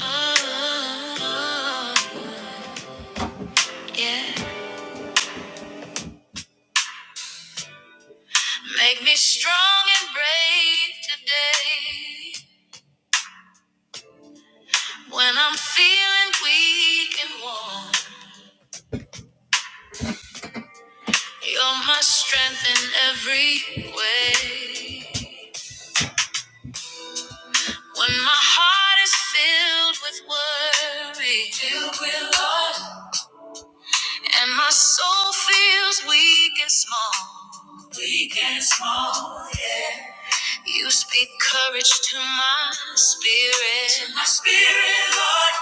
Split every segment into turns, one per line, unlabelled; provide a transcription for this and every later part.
Oh, Yeah. Make me strong and brave today. When I'm feeling weak and worn, you're my strength in every way. When my heart is filled with worry, filled with Lord, and my soul feels weak and small, weak and small, yeah. You speak courage to my spirit. To my spirit, Lord.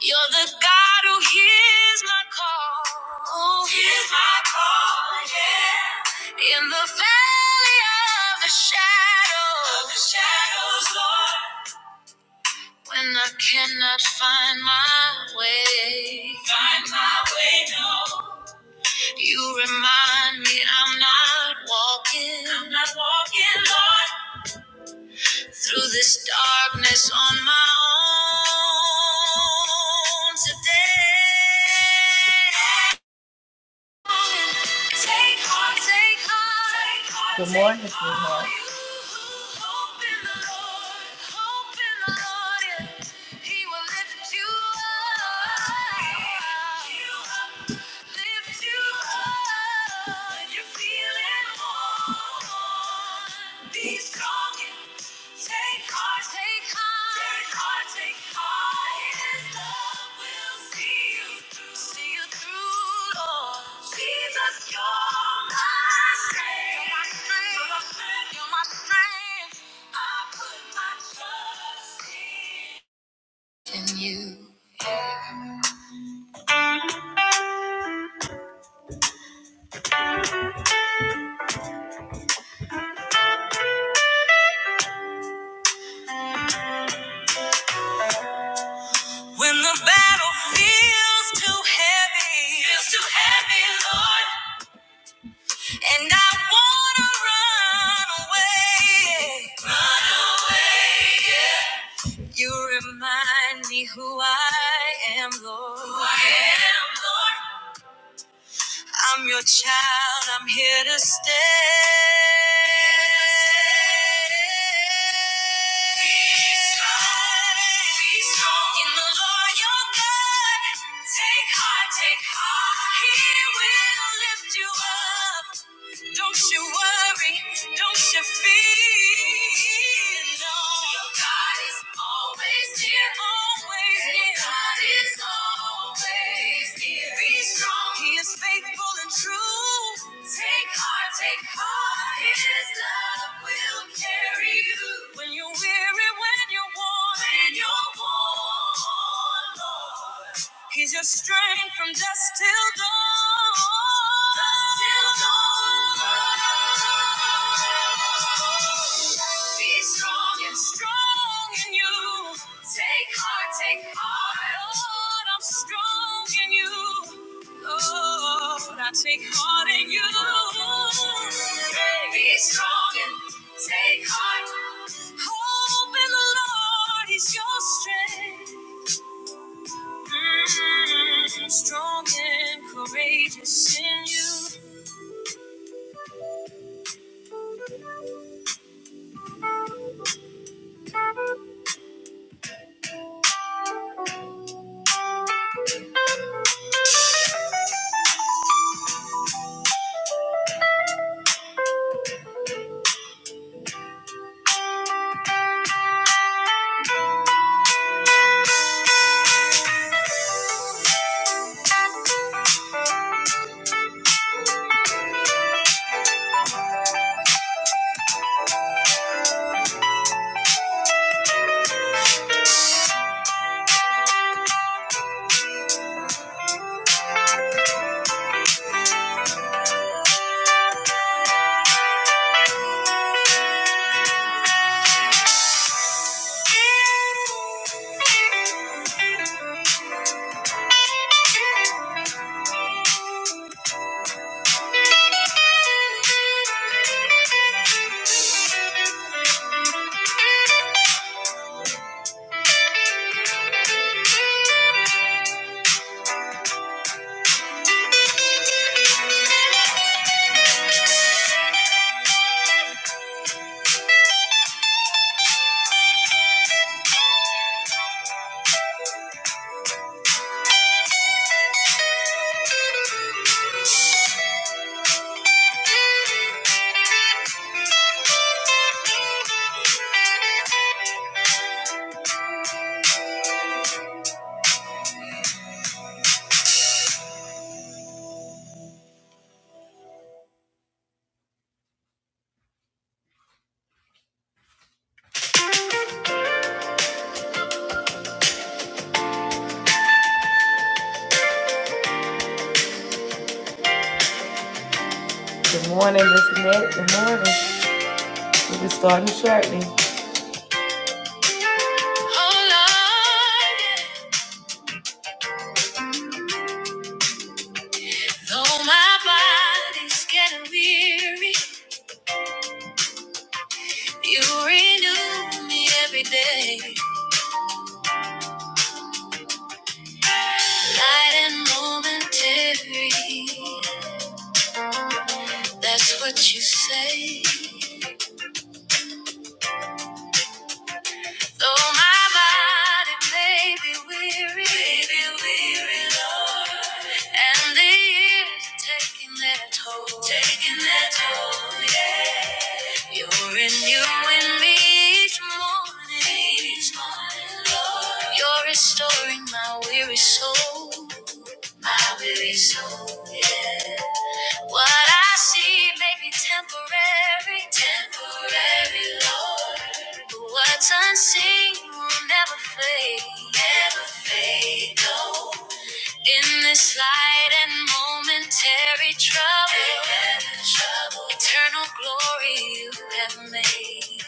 You're the God who hears my call. Hears my call, yeah. In the valley of the shadow. Of the shadows, Lord. When I cannot find my way. Find my way, no. You remind me I'm not walking. I'm not walking, Lord. Through this darkness on my own today. Take heart, take heart. Good morning, sweetheart. Hope in the Lord, hope in the Lord, yeah. He will lift you up. Lift you up when you're feeling worn. Be strong. and take Take heart, take heart. Take heart, take heart. His love will see you through. See you through, Lord. Jesus, you're my strength. You're my strength. You're my strength. I put my trust in you. When the battle feels too heavy, feels too heavy, Lord, and I wanna run away, run away. You remind me who I am, Lord. Who I am, Lord. I'm your child, I'm here to stay. Be strong, be strong in the Lord your God. Take heart, take heart. He will lift you up. Don't you worry, don't you fear. No. Your God is always here. Always here. Your God is always here. Be strong. He is faithful and true. Take heart, take heart. His love will carry you. When you're weary, when you're worn. When you're worn, Lord. He's your strength from dusk till dawn. Dusk till dawn. Be strong and strong in you. Take heart, take heart. Lord, I'm strong in you. Lord, I take heart in you. Be strong and take heart. Hope in the Lord is your strength. Mm, Strong and courageous in you. Oh Lord. Though my body's getting weary, you renew me every day. Light and momentary, that's what you say. Though my body may be weary, may be weary, Lord, and the years are taking their toll, taking their toll, yeah. You're renewing me each morning, each morning, Lord. You're restoring my weary soul, my weary soul, yeah. What I see may be temporary, temporary, Lord. But what's unseen will never fade, never fade, no. In this light and momentary trouble, trouble. eternal glory you have made.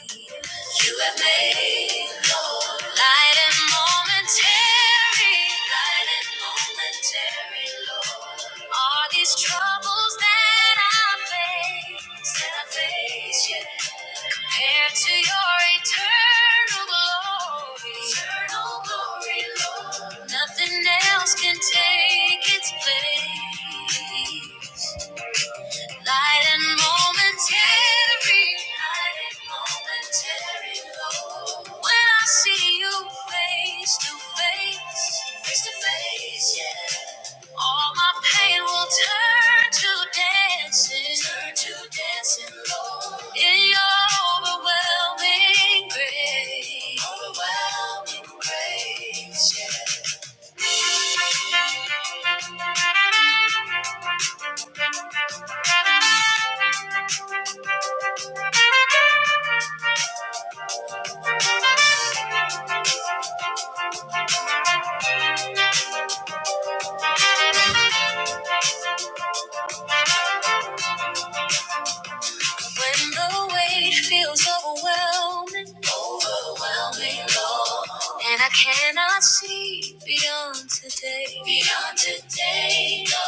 You have made light and momentary, light and momentary. Lord. All these troubles that I face, that I face, yeah, compared to your eternal glory, eternal glory, Lord, nothing else can take its place. Light and momentary, light and momentary low. When I see you face to face, face to face, yeah. All my pain will turn to dancing, turn to dancing, Lord. In your overwhelming grace, overwhelming grace, yeah. When the weight feels overwhelming. overwhelming, Lord. And I cannot see beyond today, beyond today, Lord.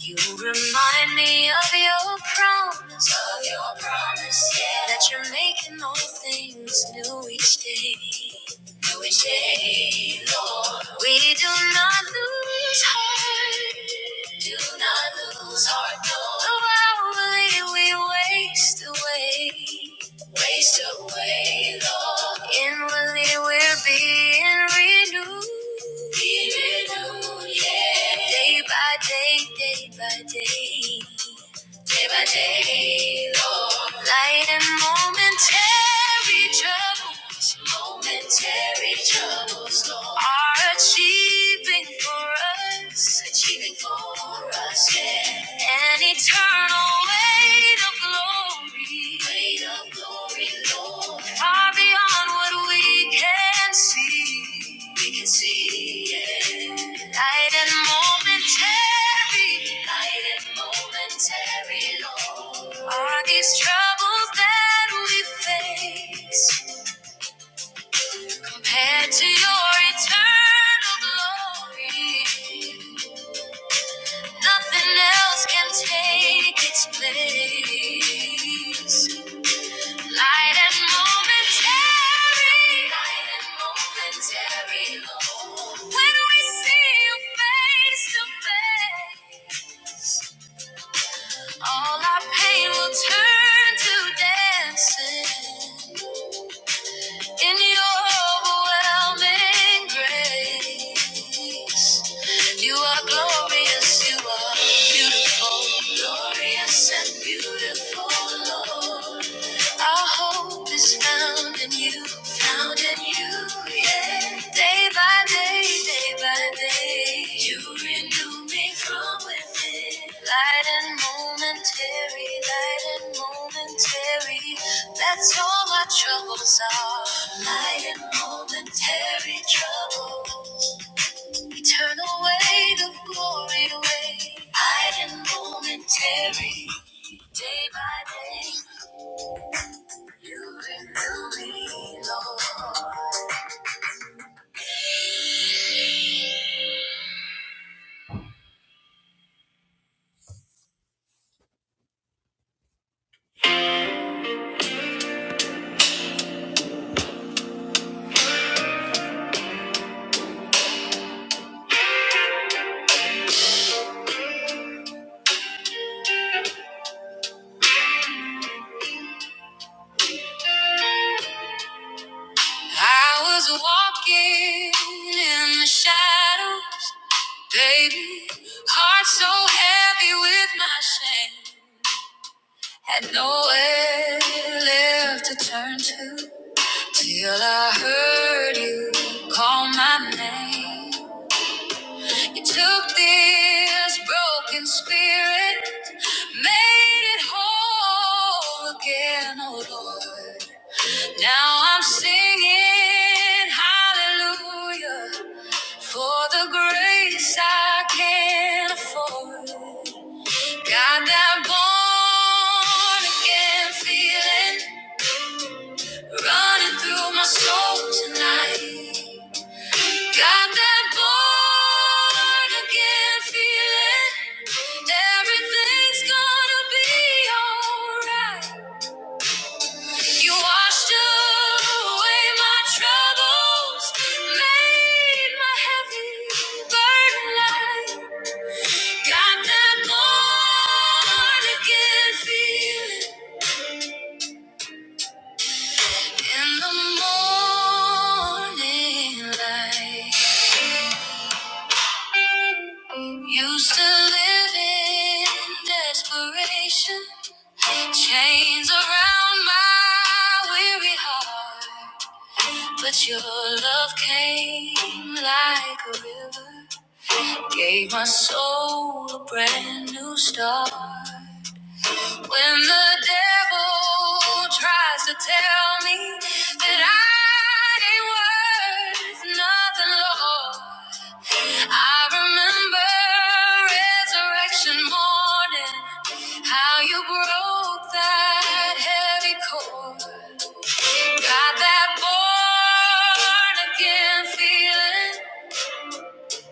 You remind me of your promise. Of your promise, yeah. That you're making all things new each day. New each day, Lord. We do not lose heart. Do not lose heart, no. Though hourly we waste away waste away, Lord. Inwardly we're being renewed yeah. Day by day, day by day. Day by day, Lord. Light and momentary trouble. Momentary troubles gone. Are achieving for us. Achieving for us, yeah. An eternal weight of glory. Weight of glory, Lord. Far beyond what we can see. We can see, yeah. Light and momentary. Light and momentary, Lord. Are these troubles that we face? Compared to your eternal glory, nothing else can take its place. Light and momentary, light and momentary, Lord. When we see you face to face, all our pain will turn to dancing. In your overwhelming grace, you are glorious, you are beautiful, glorious and beautiful, Lord. Our hope is found in you, found in you, yeah. Day by day, day by day, you renew me from within. Light and momentary, light and momentary, that's all my troubles are. Light and momentary trouble, eternal weight of glory, weight. Light and momentary. Day by day, through me, Lord. I was walking in the shadows, baby. Heart so heavy with my shame. Had nowhere left to turn to till I heard you call my name. You took this broken spirit, made it whole again, oh Lord. Now I'm singing hallelujah for the grace I can not afford. Got that born again feeling running through my soul tonight. Got that born again feeling everything's gonna be alright. You washed away my troubles, made my heavy burden light. Got that born again feeling in the morning light. Used to live in desperation, chains around my weary heart, but your love came like a river. Gave my soul a brand new start. When the devil tries to tell me that I ain't worth nothing, Lord, I remember resurrection morning, how you broke that heavy cord. Got that born again feeling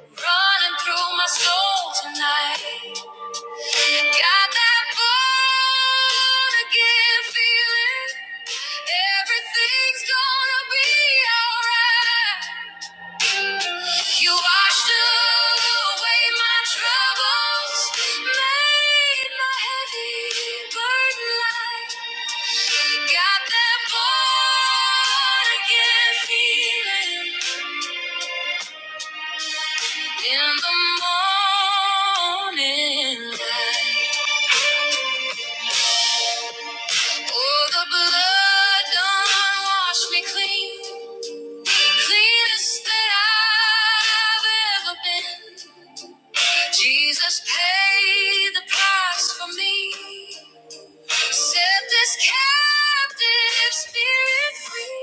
running through my soul tonight. Got that born again feeling. Everything's gonna be alright. You washed away my troubles, made my heavy burden light. Got that born again feeling in the morning light. Oh, the blood done washed me clean. Cleanest that I've ever been. Jesus paid the price for me. Set this captive spirit free.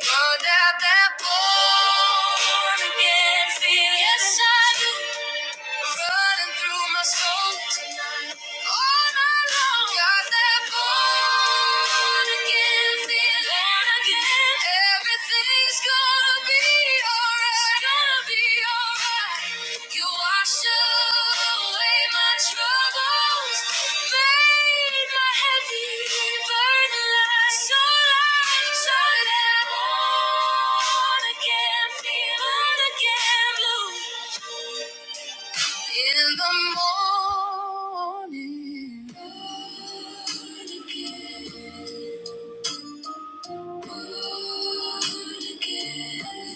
Burn out that born again feeling. Yes, I do. Running through my soul tonight. All night long. Got that born again feeling. Born again. Everything's gonna be alright. It's gonna be alright. You washed away my troubles. Made my heavy burden light. So light. So that born again feeling. Born again blue. In the morning,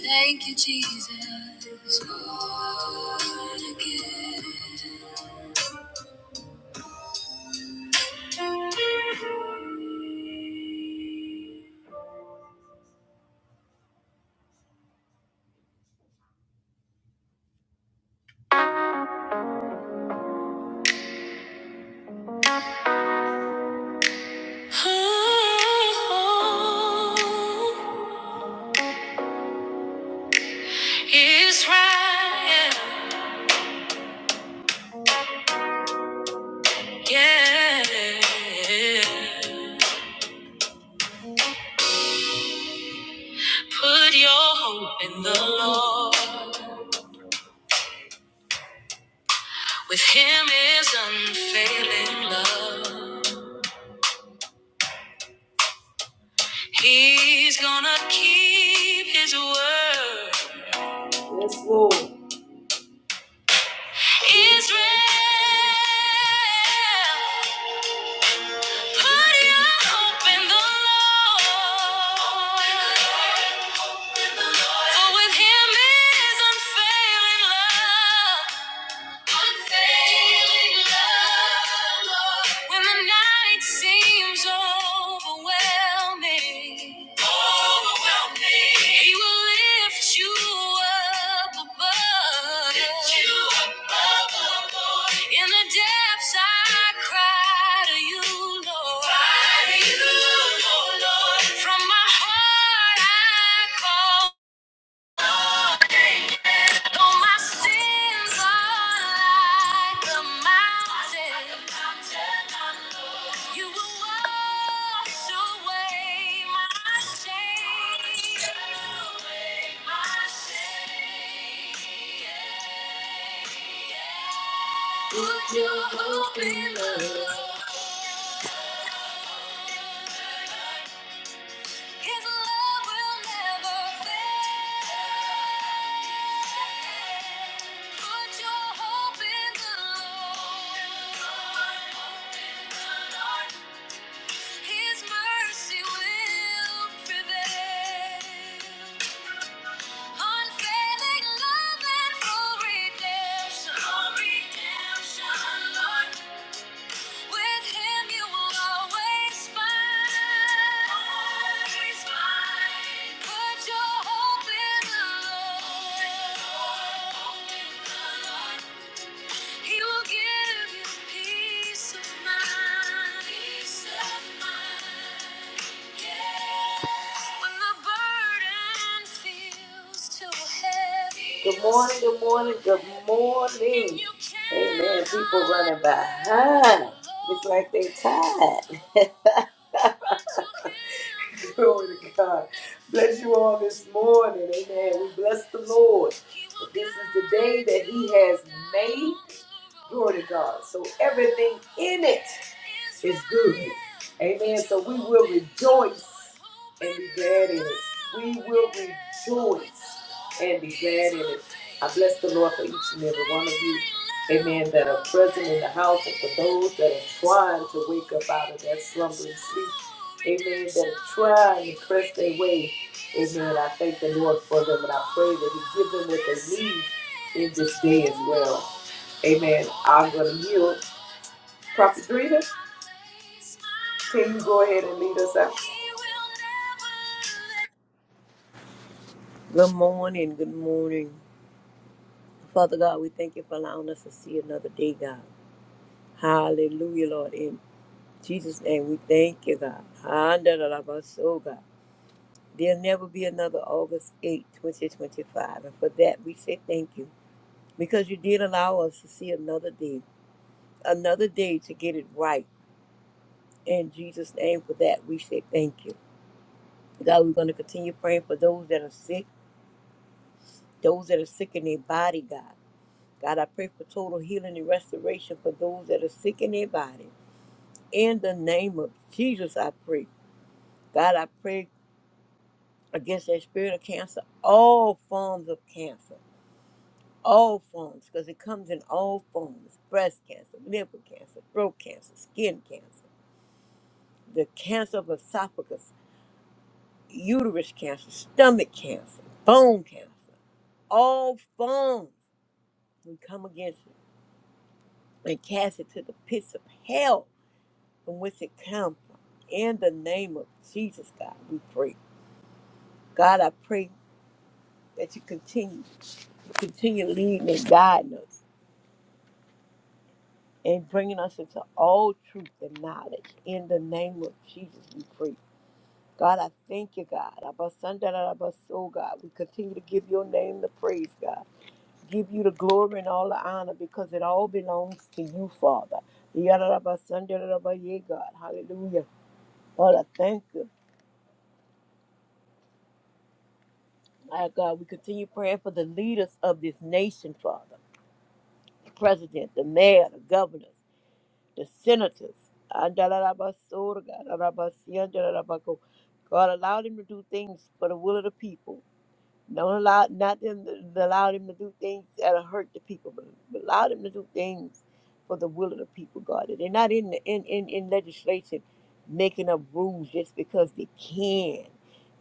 thank you, Jesus. Oh, Israel, yeah. Put your hope in the Lord. With him is unfailing love. He's gonna keep his word. Yes, Lord. Israel, put your hope in the Lord. For with him is unfailing love. Unfailing love, Lord. When the night seems overwhelming, overwhelming, He will lift you up above. Lift you up. In the depths, I cry to you, Lord. Cry to you, Lord. From my heart, I call. Though my sins are like a mountain, you will wash away my shame. Put your hope in the Lord. His love will never fail. Put your hope in the Lord. His mercy will prevail. Unfailing love and full redemption. Full redemption, Lord. With him you will always find. Always find. Put your hope in the Lord. He will give you peace of mind. Peace of mind. Yeah. When the burden feels too heavy. Good morning, good morning, good morning. And you can't Amen. People running behind. Look like they tired. Glory to God. Bless you all this morning. Amen. We bless the Lord. This is the day that He has made. Glory to God. So everything in it is good. Amen. So we will rejoice and be glad in it. We will rejoice and be glad in it. I bless the Lord for each and every one of you. Amen. That are present in the house and for those that are trying to wake up out of that slumbering sleep. Amen. That are trying to press their way. Amen. I thank the Lord for them and I pray that He give them what they need in this day as well. Amen. I'm going to yield. Prophet Drina. Can you go ahead and lead us out?
Good morning, good morning. Father God, we thank you for allowing us to see another day, God. Hallelujah, Lord. In Jesus' name, we thank you, God. Handalabaso, God. There'll never be another August eighth, 2025. And for that, we say thank you because you did allow us to see another day, another day to get it right. In Jesus' name, for that, we say thank you. God, we're going to continue praying for those that are sick, those that are sick in their body, God. God, I pray for total healing and restoration for those that are sick in their body. In the name of Jesus, I pray. God, I pray against that spirit of cancer, all forms of cancer, all forms, because it comes in all forms breast cancer, liver cancer, throat cancer, skin cancer, the cancer of esophagus, uterus cancer, stomach cancer, bone cancer, all forms. We come against it and cast it to the pits of hell from which it comes from. In the name of Jesus, God, we pray. God, I pray that you continue, continue leading and guiding us and bringing us into all truth and knowledge. In the name of Jesus, we pray. God, I thank you, God. Abasandarabaso, God. We continue to give your name the praise, God. Give you the glory and all the honor because it all belongs to you, Father. Yadarabasandarabaya, God. Hallelujah. Lord, I thank you. My God, we continue praying for the leaders of this nation, Father. The president, the mayor, the governors, the senators. Andalalabasoda, God, God, allow them to do things for the will of the people. Don't allow not them to allow them to do things that'll hurt the people, but but allow them to do things for the will of the people, God. They're not in the, in, in, in legislation making up rules just because they can,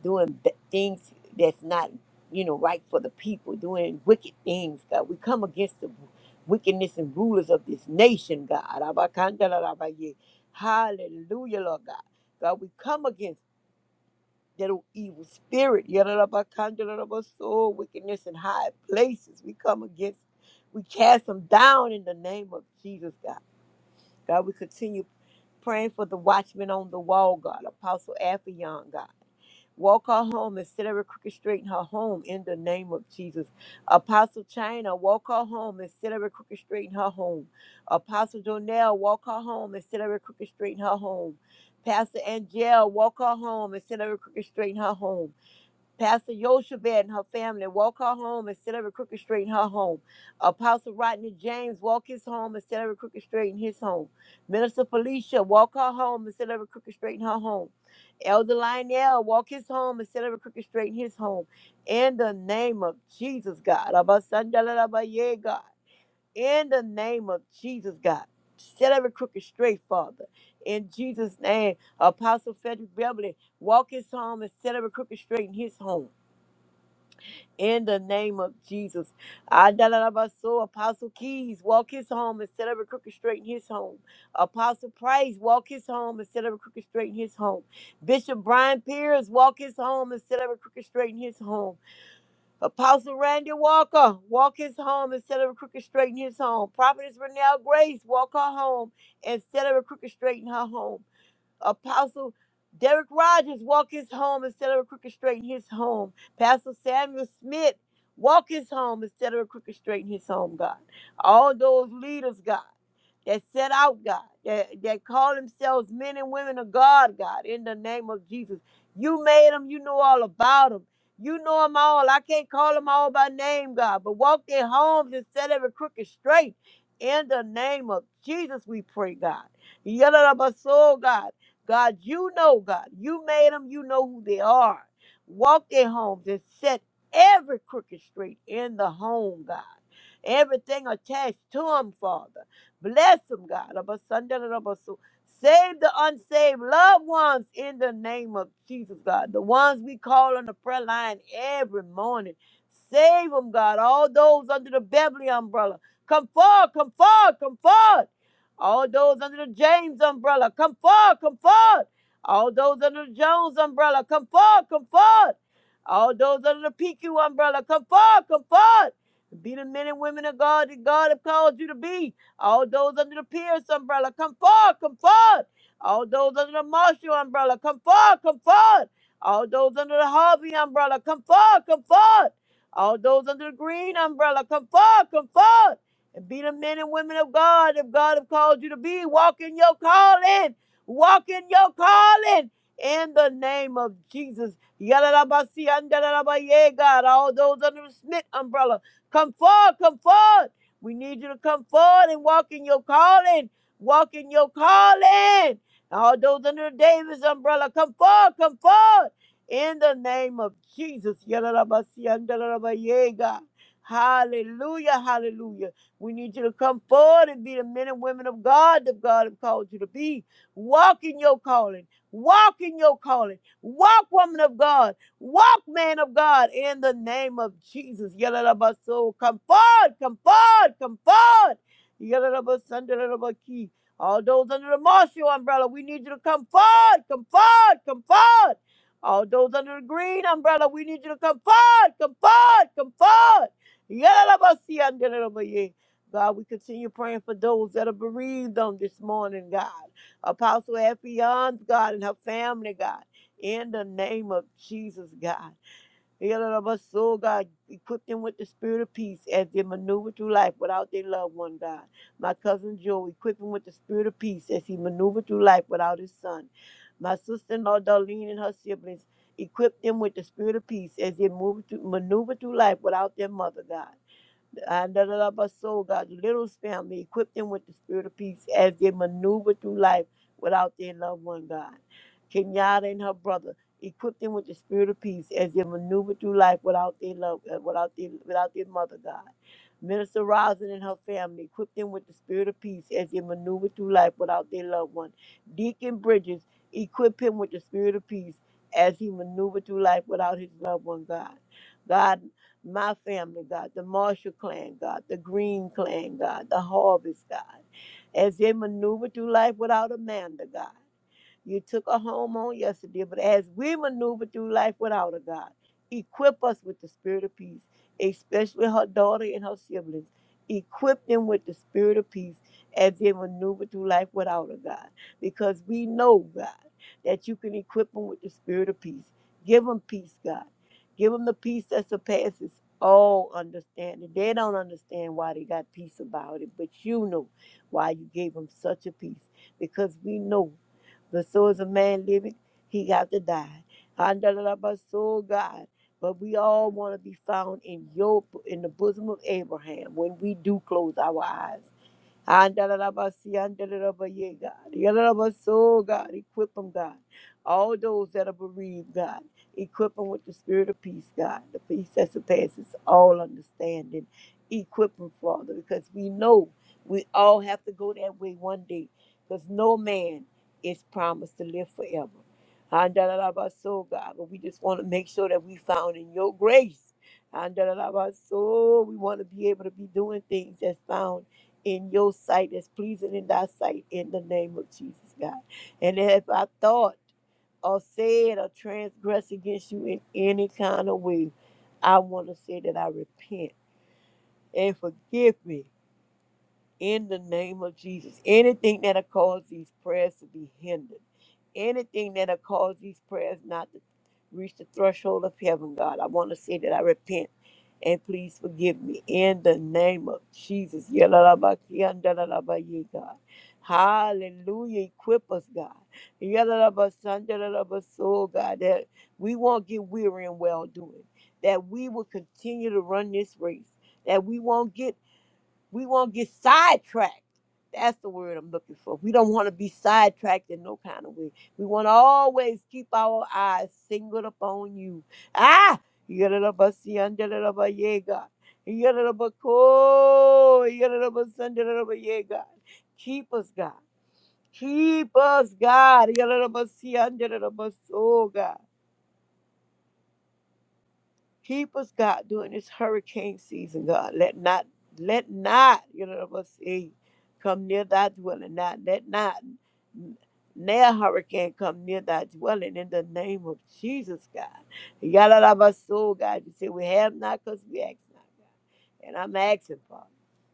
doing b- things that's not you know right for the people, doing wicked things, God. We come against the wickedness and rulers of this nation, God. Abakandalabaye. Hallelujah, Lord God. God, we come against that old evil spirit, yadadabakandadadaba, soul, wickedness in high places. We come against, we cast them down in the name of Jesus, God. God, we continue praying for the watchman on the wall, God, Apostle Affion, God. Walk her home and set every crooked straight in her home in the name of Jesus. Apostle China, walk her home and set every crooked straight in her home. Apostle Donnell, walk her home and set every crooked straight in her home. Pastor Angel, walk her home and set every crooked straight in her home. Pastor Yoshebed and her family walk her home instead of a crooked street in her home. Apostle Rodney James walk his home instead of a crooked street in his home. Minister Felicia walk her home instead of a crooked street in her home. Elder Lionel walk his home instead of a crooked street in his home. In the name of Jesus, God. Abasandalabaye, God. In the name of Jesus, God. Set every crooked straight, Father. In Jesus' name, Apostle Frederick Beverly walk his home instead of a crooked street in his home in the name of Jesus. I so Apostle Keys, walk his home instead of a crooked straight in his home. Apostle Price, walk his home instead of a crooked straight in his home. Bishop Brian Pierce, walk his home instead of a crooked straight in his home. Apostle Randy Walker, walk his home instead of a crooked straight in his home. Prophetess Renelle Grace, walk her home instead of a crooked straight in her home. Apostle Derek Rogers, walk his home instead of a crooked straight in his home. Pastor Samuel Smith, walk his home instead of a crooked straight in his home, God. All those leaders, God that set out, God, that, that call themselves men and women of God, God, in the name of Jesus. You made them, you know all about them. You know them all. I can't call them all by name, God, but walk their homes and set every crooked straight. In the name of Jesus, we pray, God. soul, God. God, you know, God. You made them, you know who they are. Walk their homes and set every crooked straight in the home, God. Everything attached to them, Father. Bless them, God. Abasandarabasu. Save the unsaved loved ones in the name of Jesus, God. The ones we call on the prayer line every morning. Save them, God. All those under the Beverly umbrella. Come forward, come forward, come forward. All those under the James umbrella. Come forward, come forward. All those under the Jones umbrella. Come forward, come forward. All those under the PQ umbrella. Come forward, come forward. Be the men and women of God that God have called you to be. All those under the Pierce umbrella, come forward, come forward. All those under the Marshall umbrella, come forward, come forward. All those under the Harvey umbrella, come forward, come forward. All those under the Green umbrella, come forward, come forward. And be the men and women of God if God have called you to be. Walk in your calling. Walk in your calling. In the name of Jesus. Yalalabasi, andalalabaye, God. All those under the Smith umbrella, come forward, come forward. We need you to come forward and walk in your calling. Walk in your calling. All those under the Davis umbrella, come forward, come forward. In the name of Jesus. Yalalabasiandalabaye, God. Hallelujah, hallelujah. We need you to come forward and be the men and women of God that God has called you to be. Walk in your calling. Walk in your calling. Walk, woman of God. Walk, man of God, in the name of Jesus. Yalalabaso, Come forward, come forward, come forward. Yalalabasandalabaki. All those under the Marshall umbrella, we need you to come forward, come forward, come forward. All those under the green umbrella, we need you to come forward, come forward, come forward. Yalalabasi, andalalabaye. God, we continue praying for those that are bereaved on this morning, God. Apostle Effie Young, God, and her family, God in the name of Jesus, God. So, God, equip them with the spirit of peace as they maneuver through life without their loved one, God. My cousin Joe, equip him with the spirit of peace as he maneuvered through life without his son. My sister in law, Darlene, and her siblings, equip them with the spirit of peace as they move through, maneuver through life without their mother, God. I da- da- da- but so God, the little family, equip them with the spirit of peace as they maneuver through life without their loved one, God. Kenyatta and her brother, equip them with the spirit of peace as they maneuver through life without their love, uh, without their, without their mother, God. Minister Rosin and her family, equip them with the spirit of peace as they maneuver through life without their loved one. Deacon Bridges, equip him with the spirit of peace as he maneuvered through life without his loved one, God. God my family, God, the Marshall clan, God, the Green clan, God, the Harvest, God, as they maneuver through life without Amanda, God. You took a home on yesterday, but as we maneuver through life without a God, equip us with the spirit of peace, especially her daughter and her siblings. Equip them with the spirit of peace as they maneuver through life without a God, because we know, God, that you can equip them with the spirit of peace. Give them peace, God. Give them the peace that surpasses all understanding. They don't understand why they got peace about it, but you know why you gave them such a peace because we know. The soul is a man living, he got to die. Andalaba soul God. But we all want to be found in your in the bosom of Abraham when we do close our eyes. Andalalabasi, andalalabaye, God. Yalalabaso, God. Equip them, God. All those that are bereaved, God. Equip them with the spirit of peace, God. The peace that surpasses all understanding. Equip them, Father, because we know we all have to go that way one day. Because no man is promised to live forever. Andalalabaso, God. But we just want to make sure that we found in your grace. Andalalabaso, we want to be able to be doing things that's found in your sight that's pleasing in thy sight in the name of Jesus, God. And if I thought or said or transgressed against you in any kind of way, I want to say that I repent and forgive me in the name of Jesus. Anything that'll cause these prayers to be hindered, anything that'll cause these prayers not to reach the threshold of heaven, God, I want to say that I repent and please forgive me in the name of Jesus. Yalalabakiyandalalabaye, God. Hallelujah. Equip us, God. Yalalabasandalalabaso, God, that we won't get weary in well doing, that we will continue to run this race, that we won't get we won't get sidetracked. That's the word I'm looking for. We don't want to be sidetracked in no kind of way. We want to always keep our eyes singled upon you. Ah, yadadabasiyandadadaba, yeah, God. Yadadabako, yadadabasandadadaba, yeah, God. Keep us, God. Keep us, God. Yadadabasiyandadadaba, Oh, God. Keep us, God, during this hurricane season, God. Let not, let not, you know what I'm saying, come near thy dwelling. Not, let not near hurricane come near thy dwelling in the name of Jesus, God. Yalalabaso, God. You say we have not because we ask not, God. And I'm asking, Father,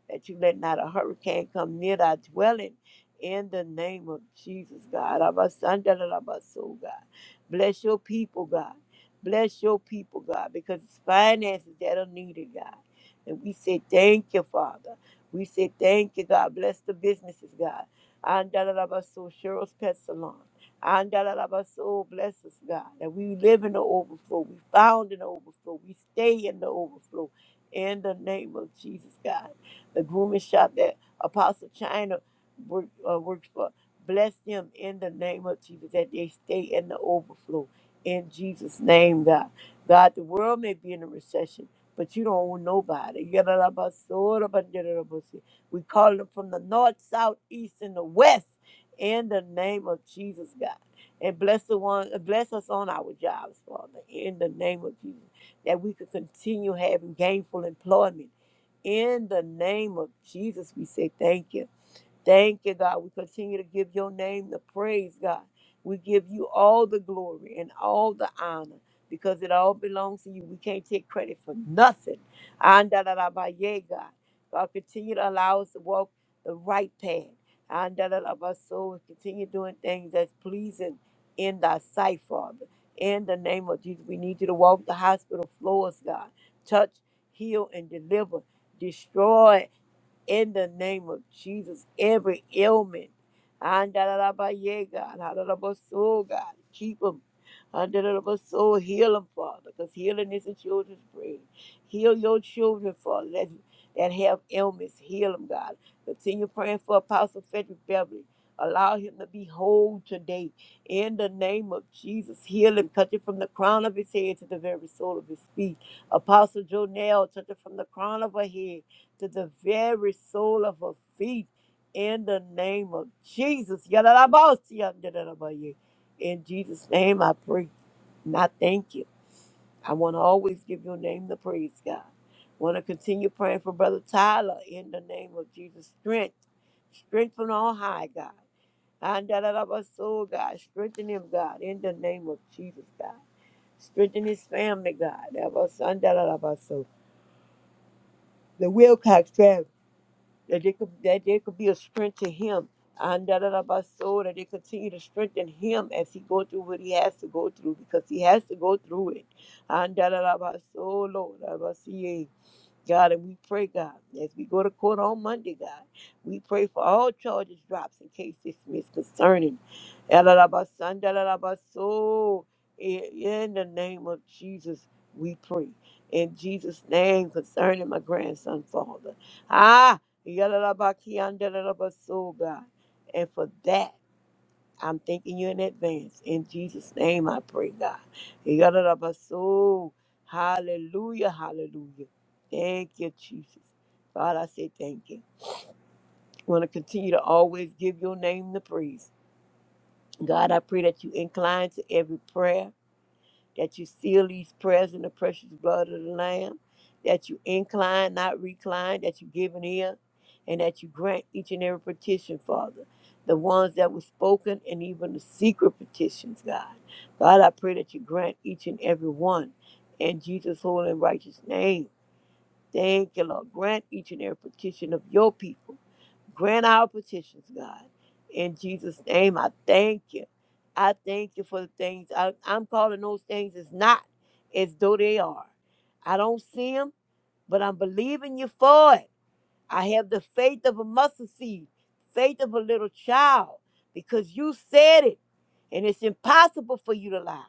that you let not a hurricane come near thy dwelling in the name of Jesus, God. Abasandalabaso, God. Bless your people, God. Bless your people, God, because it's finances that are needed, God. And we say thank you, Father. We say thank you, God. Bless the businesses, God. Andalabaso, Cheryl's Pet Salon. Andalabaso, bless us, God. That we live in the overflow. We found in the overflow. We stay in the overflow. In the name of Jesus, God. The grooming shop that Apostle China work, uh, works for. Bless them in the name of Jesus that they stay in the overflow in Jesus' name, God. God, the world may be in a recession, but you don't owe nobody. Yadadabasorabandadadabosi. We call them from the north, south, east, and the west in the name of Jesus, God. And bless the one, uh, bless us on our jobs, Father, in the name of Jesus, that we could continue having gainful employment. In the name of Jesus, we say thank you. Thank you, God. We continue to give your name the praise, God. We give you all the glory and all the honor because it all belongs to you. We can't take credit for nothing. Andalalabaye, God. God, continue to allow us to walk the right path. Andalalabaso, and Continue doing things that's pleasing in thy sight, Father. In the name of Jesus, we need you to walk the hospital floors, God. Touch, heal, and deliver. Destroy in the name of Jesus. Every ailment, Andalalabaye, God, Andalabaso, God, keep them. Andalabaso, heal them, Father, because healing is a children's bread. Heal your children, Father, that, that have ailments. Heal them, God. Continue praying for Apostle Frederick Beverly. Allow him to be whole today. In the name of Jesus, heal him. Touch it from the crown of his head to the very sole of his feet. Apostle Jonell, touch it from the crown of her head to the very sole of her feet in the name of Jesus. Yadadabaosiyandadadabaye. In Jesus' name, I pray. And I thank you. I want to always give your name the praise, God. want to continue praying for Brother Tyler in the name of Jesus. Strength. Strength from on high, God. Andadadabaso, God. Strengthen him, God, in the name of Jesus, God. Strengthen his family, God. Abasandadadabaso. The Wilcox family. that they could that there could be a strength to him. And that of our soul that they continue to strengthen him as he go through what he has to go through because he has to go through it. And that of our soul, Lord, God, and we pray, God, as we go to court on Monday, God, we pray for all charges drops and case dismissed concerning Elalabasan, Elalabaso. In in the name of Jesus, we pray. In Jesus' name, concerning my grandson, Father. Ah, Elalabakian, Elalabaso, God. And for that. I'm thanking you in advance. In Jesus' name I pray, God. Yadadabaso. Hallelujah, hallelujah. Thank you, Jesus. God, I say thank you. want to continue to always give your name the praise. God, I pray that you incline to every prayer that you seal these prayers in the precious blood of the Lamb, that you incline, not recline, that you give an ear, and that you grant each and every petition, Father. The ones that were spoken and even the secret petitions, God. God, I pray that you grant each and every one in Jesus' holy and righteous name. Thank you, Lord. Grant each and every petition of your people. Grant our petitions, God. In Jesus' name, I thank you. I thank you for the things. I, I'm calling those things as not as though they are. I don't see them, but I'm believing you for it. I have the faith of a mustard seed, faith of a little child, because you said it, and it's impossible for you to lie.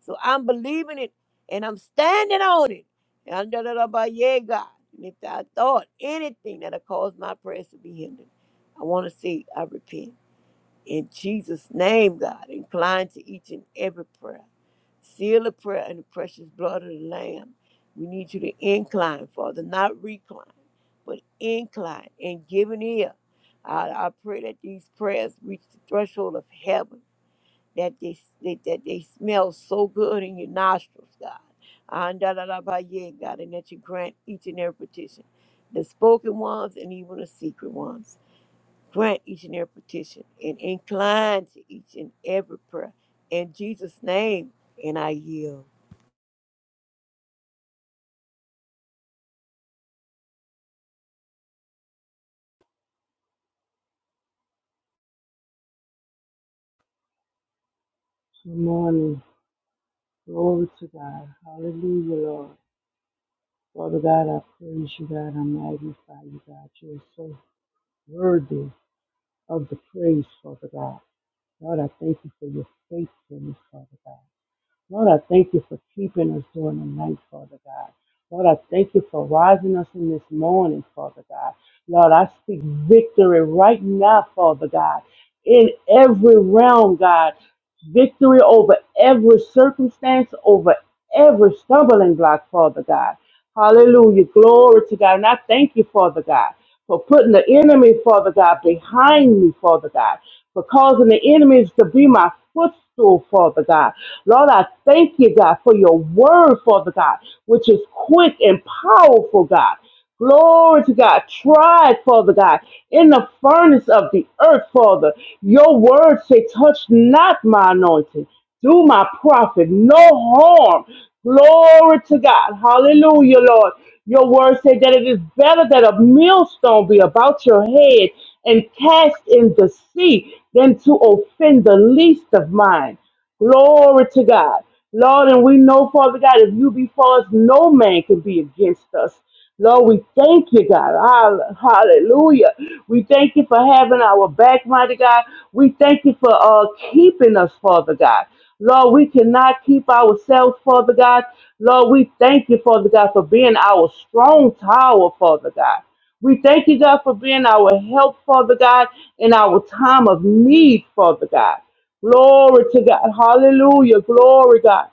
So I'm believing it, and I'm standing on it. And I'm da- da- da- ba- yeah, God. And if I thought anything that cause my prayers to be hindered, I want to say I repent. In Jesus' name, God, incline to each and every prayer. Seal the prayer in the precious blood of the Lamb. We need you to incline, Father, not recline, but incline and give an ear. I, I pray that these prayers reach the threshold of heaven, that they, that, that they smell so good in your nostrils, God. Andalalabaye, God, and that you grant each and every petition, the spoken ones and even the secret ones. Grant each and every petition and incline to each and every prayer. In Jesus' name, and I yield.
Good morning. Glory to God. Hallelujah, Lord. Father God, I praise you, God. I magnify you, God. You are so worthy of the praise, Father God. God, I thank you for your faithfulness, Father God. Lord, I thank you for keeping us during the night, Father God. Lord, I thank you for rising us in this morning, Father God. Lord, I speak victory right now, Father God, in every realm, God. Victory over every circumstance, over every stumbling block, Father God. Hallelujah. Glory to God. And I thank you, Father God, for putting the enemy, Father God, behind me, Father God, for causing the enemies to be my footstool, Father God. Lord, I thank you, God, for your word, Father God, which is quick and powerful, God. Glory to God. Tried, Father God, in the furnace of the earth, Father. Your word say, touch not my anointing. Do my prophet no harm. Glory to God. Hallelujah, Lord. Your word said that it is better that a millstone be about your head and cast in the sea than to offend the least of mine. Glory to God. Lord, and we know, Father God, if you be for us, no man can be against us. Lord, we thank you, God. Hall- Hallelujah. We thank you for having our back, mighty God. We thank you for uh, keeping us, Father God. Lord, we cannot keep ourselves, Father God. Lord, we thank you, Father God, for being our strong tower, Father God. We thank you, God, for being our help, Father God, in our time of need, Father God. Glory to God. Hallelujah. Glory, God.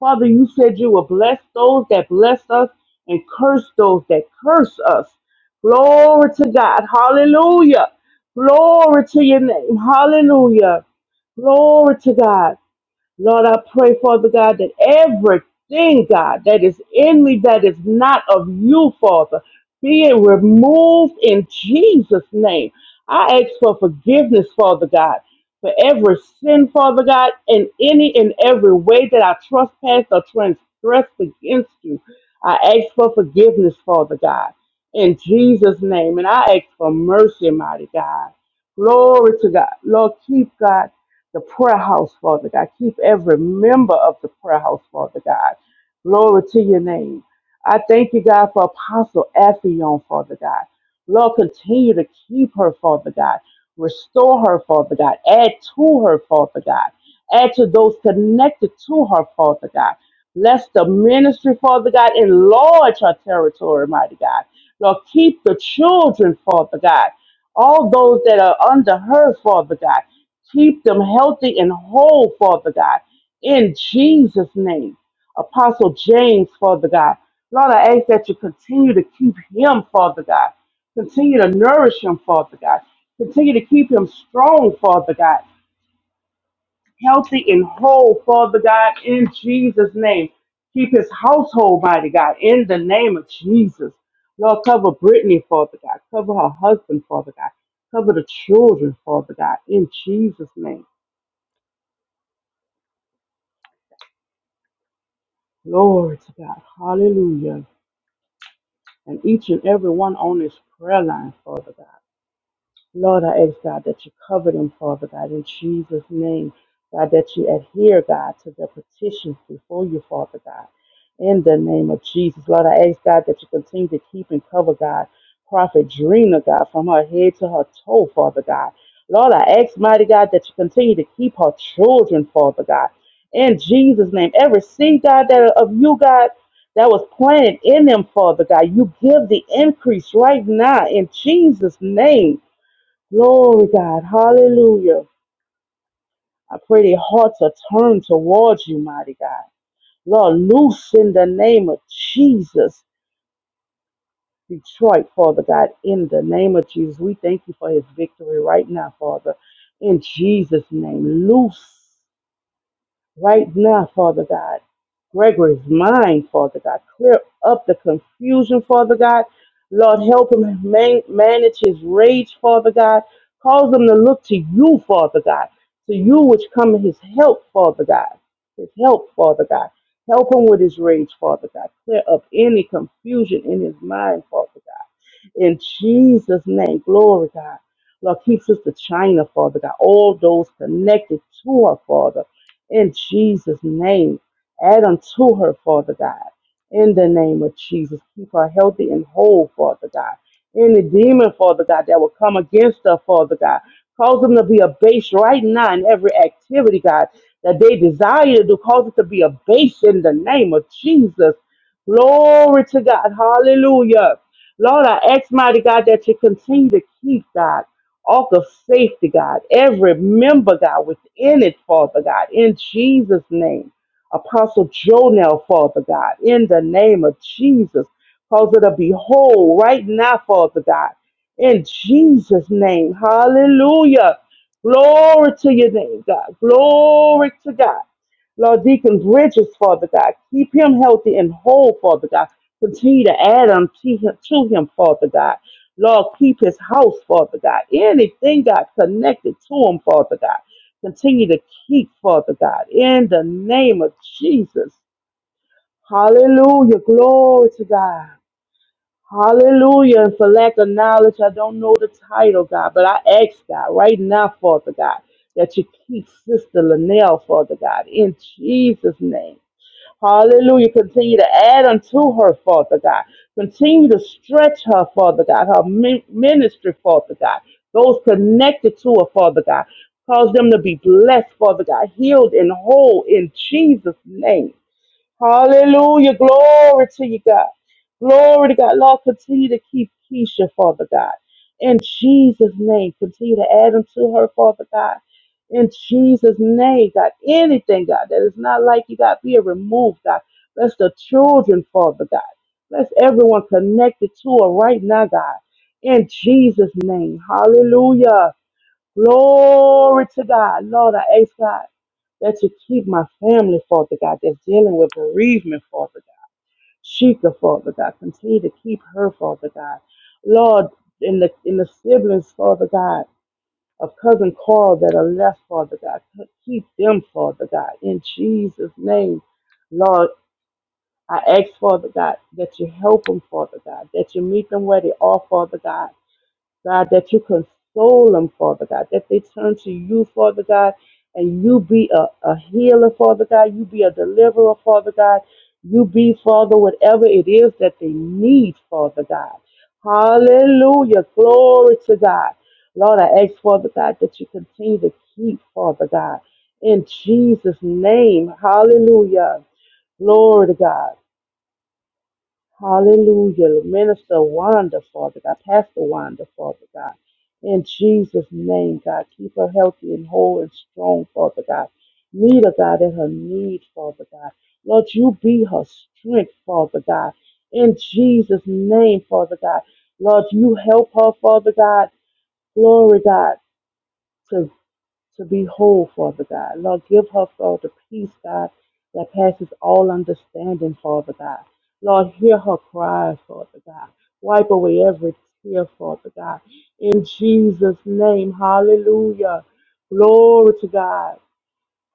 Father, you said you will bless those that bless us and curse those that curse us. Glory to God. Hallelujah. Glory to your name. Hallelujah. Glory to God. Lord, I pray, Father God, that everything, God, that is in me that is not of you, Father, be it removed in Jesus' name. I ask for forgiveness, Father God, for every sin, Father God, in any and every way that I trespass or transgress against you. I ask for forgiveness, Father God, in Jesus' name. And I ask for mercy, mighty God. Glory to God. Lord, keep God the prayer house, Father God. Keep every member of the prayer house, Father God. Glory to your name. I thank you, God, for Apostle Affion, Father God. Lord, continue to keep her, Father God. Restore her, Father God. Add to her, Father God. Add to those connected to her, Father God. Bless the ministry, Father God. Enlarge her territory, mighty God. Lord, keep the children, Father God. All those that are under her, Father God. Keep them healthy and whole, Father God, in Jesus' name. Apostle James, Father God. Lord, I ask that you continue to keep him, Father God. Continue to nourish him, Father God. Continue to keep him strong, Father God. Healthy and whole, Father God, in Jesus' name. Keep his household, mighty God, in the name of Jesus. Lord, cover Brittany, Father God. Cover her husband, Father God. Cover the children, Father God, in Jesus' name. Glory to God. Hallelujah. And each and every one on this prayer line, Father God. Lord, I ask God that you cover them, Father God, in Jesus' name. God, that you adhere, God, to their petitions before you, Father God. In the name of Jesus, Lord, I ask God that you continue to keep and cover, God, Prophet Drina, God, from her head to her toe, Father God. Lord, I ask, mighty God, that you continue to keep her children, Father God. In Jesus' name, every seed, God, that of you, God, that was planted in them, Father God, you give the increase right now in Jesus' name. Glory, God. Hallelujah. I pray their hearts are turned towards you, mighty God. Lord, loose in the name of Jesus, Detroit, Father God, in the name of Jesus. We thank you for his victory right now, Father. In Jesus' name, loose. Right now, Father God, Gregory's mind, Father God, clear up the confusion, Father God. Lord, help him man- manage his rage, Father God. Cause him to look to you, Father God, to you which come his help, Father God. His help, Father God. Help him with his rage, Father God. Clear up any confusion in his mind, Father God. In Jesus' name, glory, God. Lord, keep Sister China, Father God. All those connected to her, Father. In Jesus' name, add unto her, Father God. In the name of Jesus, keep her healthy and whole, Father God. Any demon, Father God, that will come against her, Father God, cause them to be abased right now in every activity, God, that they desire to do, cause it to be abased in the name of Jesus. Glory to God. Hallelujah. Lord, I ask, mighty God, that you continue to keep, God, all of safety, God, every member, God, within it, Father God, in Jesus' name. Apostle Jonel, Father God, in the name of Jesus, cause it to be whole right now, Father God, in Jesus' name. Hallelujah. Glory to your name, God. Glory to God. Lord Deacon Bridges, Father God. Keep him healthy and whole, Father God. Continue to add unto him, to him, Father God. Lord, keep his house, Father God. Anything, God, connected to him, Father God. Continue to keep, Father God, in the name of Jesus. Hallelujah. Glory to God. Hallelujah. And for lack of knowledge, I don't know the title, God, but I ask God right now, Father God, that you keep Sister Linnell, Father God, in Jesus' name. Hallelujah. Continue to add unto her, Father God. Continue to stretch her, Father God, her mi- ministry, Father God. Those connected to her, Father God. Cause them to be blessed, Father God, healed and whole in Jesus' name. Hallelujah. Glory to you, God. Glory to God. Lord, continue to keep Keisha, Father God. In Jesus' name, continue to add them to her, Father God. In Jesus' name, God. Anything, God, that is not like you, God, be it removed, God. Bless the children, Father God. Bless everyone connected to her right now, God. In Jesus' name. Hallelujah. Glory to God. Lord, I ask God that you keep my family, Father God, that's dealing with bereavement, Father God. Sheikah, Father God, continue to keep her, Father God. Lord, in the in the siblings, Father God, of cousin Carl that are left, Father God, keep them, Father God, in Jesus' name. Lord, I ask, Father God, that you help them, Father God, that you meet them where they are, Father God. God, that you console them, Father God, that they turn to you, Father God, and you be a, a healer, Father God, you be a deliverer, Father God, you be, Father, whatever it is that they need, Father God. Hallelujah. Glory to God. Lord, I ask, Father God, that you continue to keep, Father God, in Jesus' name. Hallelujah. Glory to God. Hallelujah. Minister Wanda, Father God. Pastor Wanda, Father God. In Jesus' name, God. Keep her healthy and whole and strong, Father God. Meet her, God, in her need, Father God. Lord, you be her strength, Father God. In Jesus' name, Father God. Lord, you help her, Father God. Glory, God to be whole, Father God. Lord, give her, Lord, the peace, God, that passes all understanding, Father God. Lord, hear her cries, Father God. Wipe away every tear, Father God. In Jesus' name, hallelujah. Glory to God.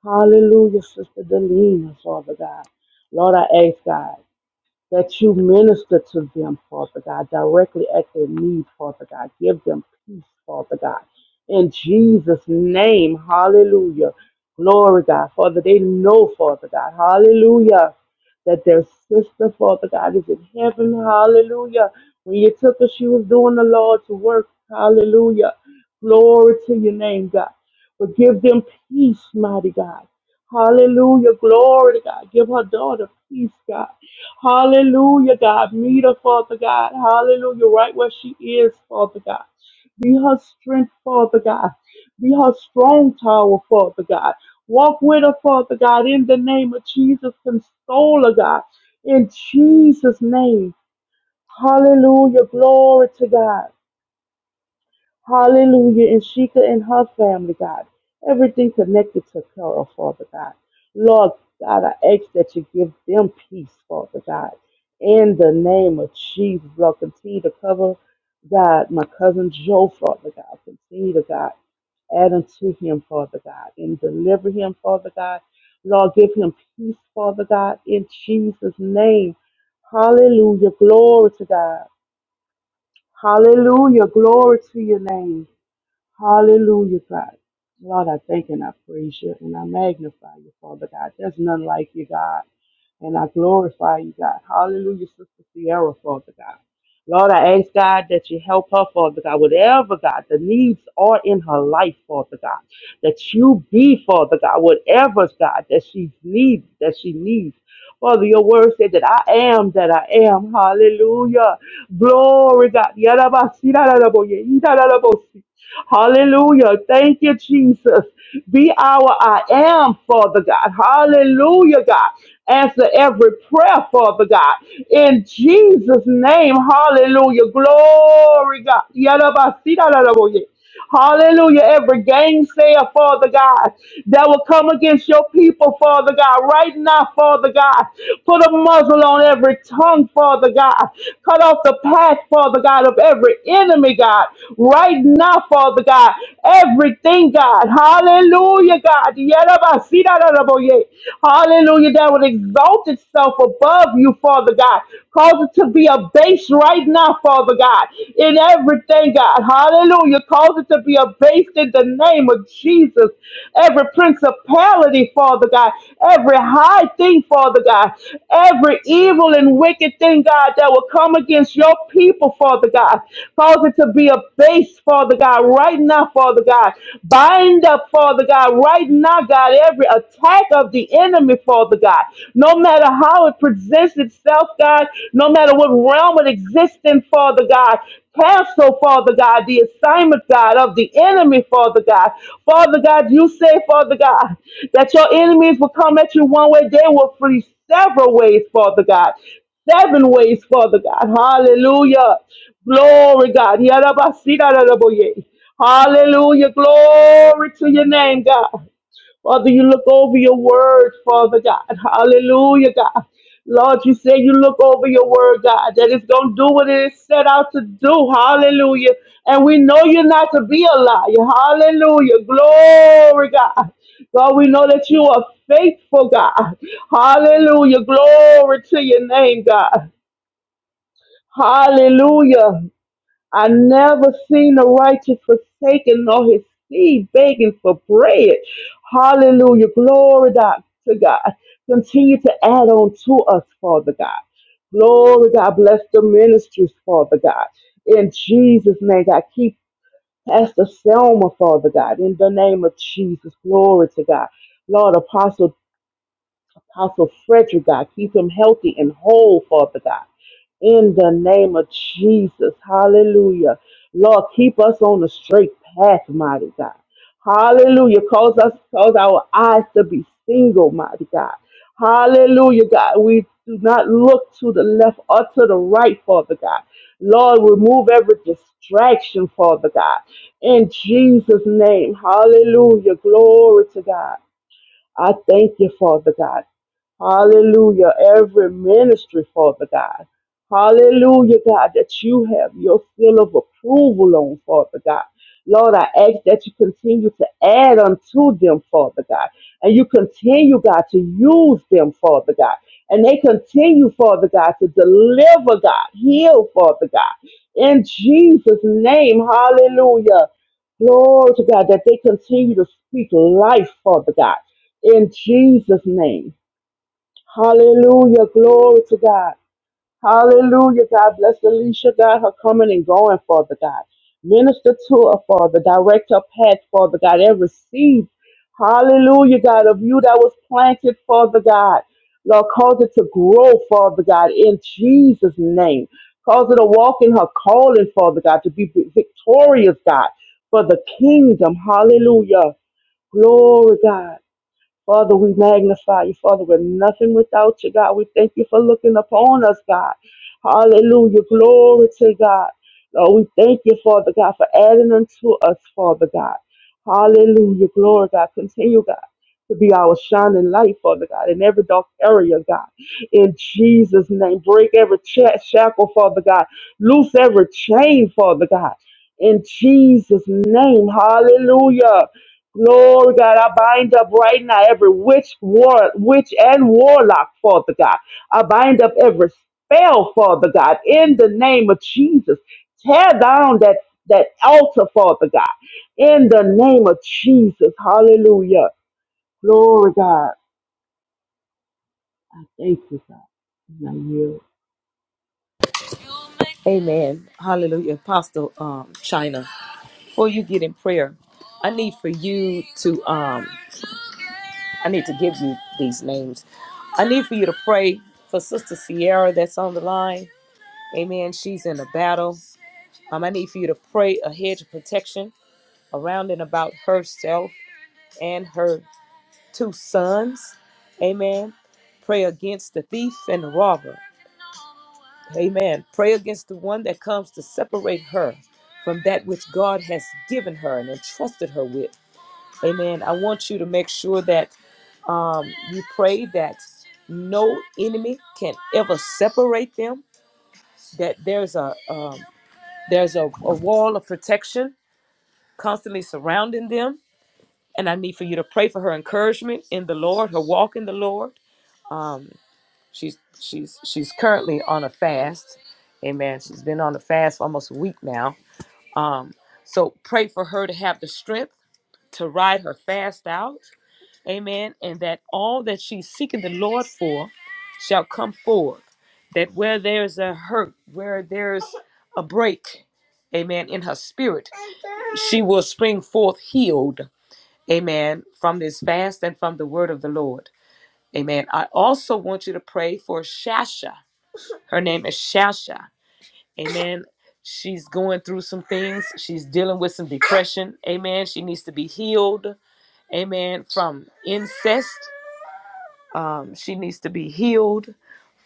Hallelujah, Sister Delina, Father God. Lord, I ask God that you minister to them, Father God, directly at their need, Father God. Give them peace, Father God. In Jesus' name, hallelujah. Glory, God. Father, they know, Father God, hallelujah, that their sister, Father God, is in heaven, hallelujah. When you took her, she was doing the Lord's work, hallelujah. Glory to your name, God. But give them peace, mighty God. Hallelujah. Glory to God. Give her daughter peace, God. Hallelujah, God. Meet her, Father God. Hallelujah. Right where she is, Father God. Be her strength, Father God. Be her strong tower, Father God. Walk with her, Father God, in the name of Jesus. Console her, God. In Jesus' name. Hallelujah. Glory to God. Hallelujah. And Sheikah and her family, God. Everything connected to Carol, Father God. Lord God, I ask that you give them peace, Father God. In the name of Jesus, Lord, continue to cover, God, my cousin Joe, Father God. Continue to, God, add unto him, Father God, and deliver him, Father God. Lord, give him peace, Father God, in Jesus' name. Hallelujah. Glory to God. Hallelujah. Glory to your name. Hallelujah, God. Lord, I thank and I praise you and I magnify you, Father God. There's none like you, God. And I glorify you, God. Hallelujah, Sister Sierra, Father God. Lord, I ask God that you help her, Father God, whatever, God, the needs are in her life, Father God that you be, Father God, whatever, God, that she needs, that she needs. Father, your word said that I am that I am. Hallelujah. Glory, God. Yarabasirararaboye, irararabosi. Hallelujah. Thank you, Jesus. Be our I am, Father God. Hallelujah, God. Answer every prayer, Father God. In Jesus' name, hallelujah. Glory, God. Yarabasirararaboye. Hallelujah. Every gainsayer, Father God, that will come against your people, Father God, right now, Father God. Put a muzzle on every tongue, Father God. Cut off the path, Father God, of every enemy, God. Right now, Father God. Everything, God. Hallelujah, God. Yerabasidaraboye. Hallelujah. That would exalt itself above you, Father God. Cause it to be a base right right now, Father God, in everything, God. Hallelujah. Cause it to be abased in the name of Jesus. Every principality, Father God, every high thing, Father God, every evil and wicked thing, God, that will come against your people, Father God. Cause it to be abased, Father God, right now, Father God. Bind up, Father God, right now, God, every attack of the enemy, Father God. No matter matter how it presents itself, God, no matter what realm it exists in, Father God. Cancel, Father God, the assignment, God, of the enemy, Father God. Father God, you say, Father God, that your enemies will come at you one way, they will flee several ways, Father God. Seven ways, Father God. Hallelujah. Glory, God. Yarabasiraraboye. Hallelujah. Glory to your name, God. Father, you look over your word, Father God. Hallelujah, God. Lord, you say you look over your word, God, that it's going to do what it is set out to do. Hallelujah. And we know you're not to be a liar. Hallelujah. Glory, God. God, we know that you are faithful, God. Hallelujah. Glory to your name, God. Hallelujah. I never seen the righteous forsaken nor his seed begging for bread. Hallelujah. Glory God to God. Continue to add on to us, Father God. Glory God. Bless the ministries, Father God. In Jesus' name, God. Keep Pastor Selma, Father God. In the name of Jesus. Glory to God. Lord, Apostle. Apostle Frederick, God. Keep him healthy and whole, Father God. In the name of Jesus. Hallelujah. Lord, keep us on the straight path, mighty God. Hallelujah. Cause us, cause our eyes to be single, mighty God. Hallelujah, God. We do not look to the left or to the right, Father God. Lord, remove every distraction, Father God. In Jesus' name. Hallelujah. Glory to God. I thank you, Father God. Hallelujah. Every ministry, Father God. Hallelujah, God, that you have your seal of approval on, Father God. Lord, I ask that you continue to add unto them, Father God. And you continue, God, to use them, Father God. And they continue, Father God, to deliver, God, heal, Father God. In Jesus' name, hallelujah. Glory to God that they continue to speak life, Father God, in Jesus' name. Hallelujah. Glory to God. Hallelujah. God bless Alicia, God, her coming and going, Father God. Minister to her, Father. Direct her path, Father God. Every seed, hallelujah, God, of you that was planted, Father God. Lord, cause it to grow, Father God, in Jesus' name. Cause her to walk in her calling, Father God, to be victorious, God, for the kingdom. Hallelujah. Glory, God. Father, we magnify you. Father, we're nothing without you, God. We thank you for looking upon us, God. Hallelujah. Glory to God. Lord, we thank you, Father God, for adding unto us, Father God. Hallelujah. Glory, God. Continue, God, to be our shining light, Father God, in every dark area, God. In Jesus' name, break every cha- shackle, Father God. Loose every chain, Father God. In Jesus' name, hallelujah. Glory, God, I bind up right now every witch, war, witch and warlock, Father God. I bind up every spell, Father God, in the name of Jesus. Tear down that, that altar, Father God, in the name of Jesus. Hallelujah. Glory, God. Thank you, God. And I yield.
Amen. Hostile um, China. Before you get in prayer, I need for you to um I need to give you these names. I need for you to pray for Sister Sierra that's on the line. Amen. She's in a battle. Um, I need for you to pray a hedge of protection around and about herself and her two sons. Amen. Pray against the thief and the robber. Amen. Pray against the one that comes to separate her from that which God has given her and entrusted her with. Amen. I want you to make sure that um, you pray that no enemy can ever separate them. That there's a um, there's a, a wall of protection constantly surrounding them. And I need for you to pray for her encouragement in the Lord, her walk in the Lord. She's she's she's currently on a fast. Amen. She's been on a fast for almost a week now Um, so pray for her to have the strength to ride her fast out. Amen. And that all that she's seeking the Lord for shall come forth. That where there's a hurt, where there's a break, amen, in her spirit, she will spring forth healed. Amen. From this fast and from the word of the Lord. Amen. I also want you to pray for Shasha. Her name is Shasha. Amen. She's going through some things. She's dealing with some depression. Amen. She needs to be healed. Amen. From incest. Um, she needs to be healed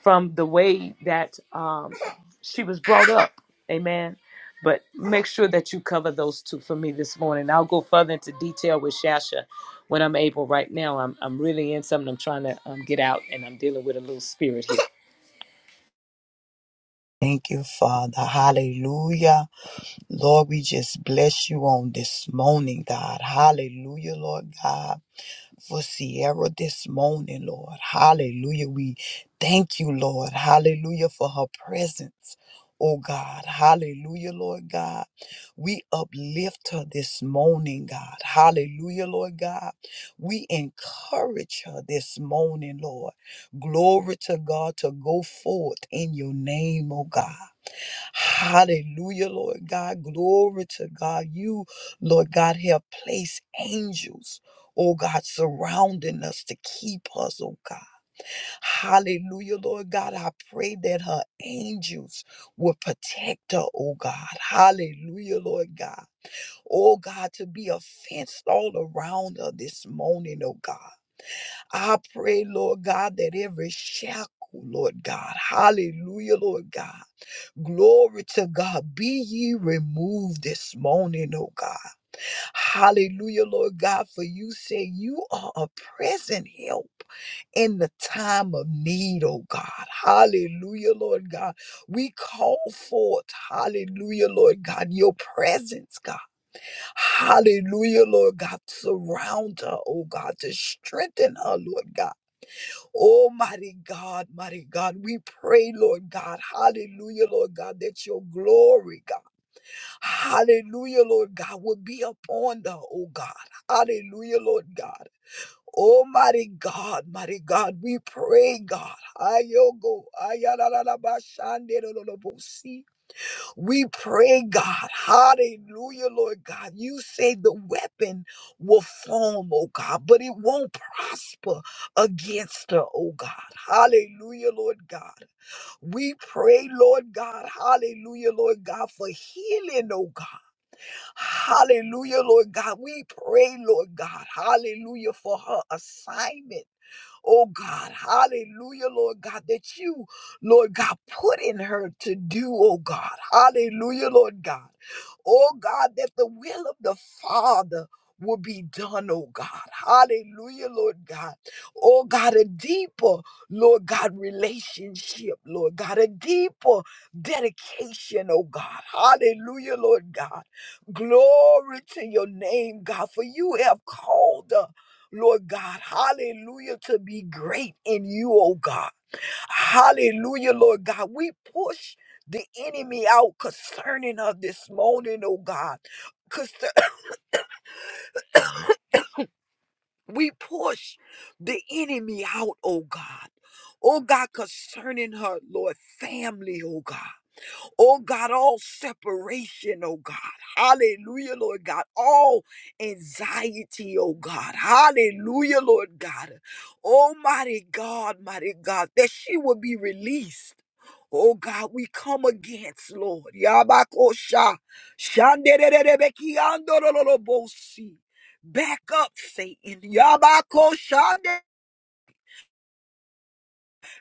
from the way that um, she was brought up. Amen. But make sure that you cover those two for me this morning. I'll go further into detail with Shasha when I'm able. Right now, I'm, I'm really in something I'm trying to um, get out, and I'm dealing with a little spirit here.
Thank you, Father. Hallelujah. Lord, we just bless you on this morning, God. Hallelujah, Lord God for Sierra this morning, Lord. Hallelujah. We thank you, Lord. Hallelujah for her presence. Oh God, hallelujah, Lord God. We uplift her this morning, God. Hallelujah, Lord God. We encourage her this morning, Lord. Glory to God to go forth in your name, oh God. Hallelujah, Lord God. Glory to God. You, Lord God, have placed angels oh God, surrounding us to keep us, oh God. Hallelujah, Lord God. I pray that her angels will protect her, oh God. Hallelujah, Lord God. Oh God, to be a fence all around her this morning, oh God. I pray, Lord God, that every shackle, Lord God, hallelujah, Lord God. Glory to God. Be ye removed this morning, oh God. Hallelujah, Lord God, for you say you are a present help in the time of need, oh God. Hallelujah, Lord God. We call forth, hallelujah, Lord God, your presence, God. Hallelujah, Lord God. Surround her, oh God, to strengthen her, Lord God. Almighty God, mighty God, we pray, Lord God, hallelujah, Lord God, that your glory, God. Hallelujah, Lord God, will be upon them, oh God. Hallelujah, Lord God. Almighty God, mighty God, we pray, God. Ayogo, ayalalabashanderololobosi. We pray, God. Hallelujah, Lord God. You say the weapon will form, oh God, but it won't prosper against her, oh God. Hallelujah, Lord God. We pray, Lord God. Hallelujah, Lord God, for healing, oh God. Hallelujah, Lord God. We pray, Lord God. Hallelujah for her assignment oh God, hallelujah, Lord God, that you, Lord God, put in her to do, oh God, hallelujah, Lord God, oh God, that the will of the Father will be done, oh God, hallelujah, Lord God, oh God, a deeper, Lord God, relationship, Lord God, a deeper dedication, oh God, hallelujah, Lord God, glory to your name, God, for you have called us. Lord God, hallelujah, to be great in you, oh God. Hallelujah, Lord God. We push the enemy out concerning of this morning, oh God. Concer- we push the enemy out, oh God. Oh God, concerning her, Lord, family, oh God. Oh God, all separation, oh God. Hallelujah, Lord God. All anxiety, oh God. Hallelujah, Lord God. Almighty God, mighty God, that she will be released. Oh God, we come against, Lord. Yabakosha. Shandererebekiandorolobosi. Back up, Satan. Yabakosha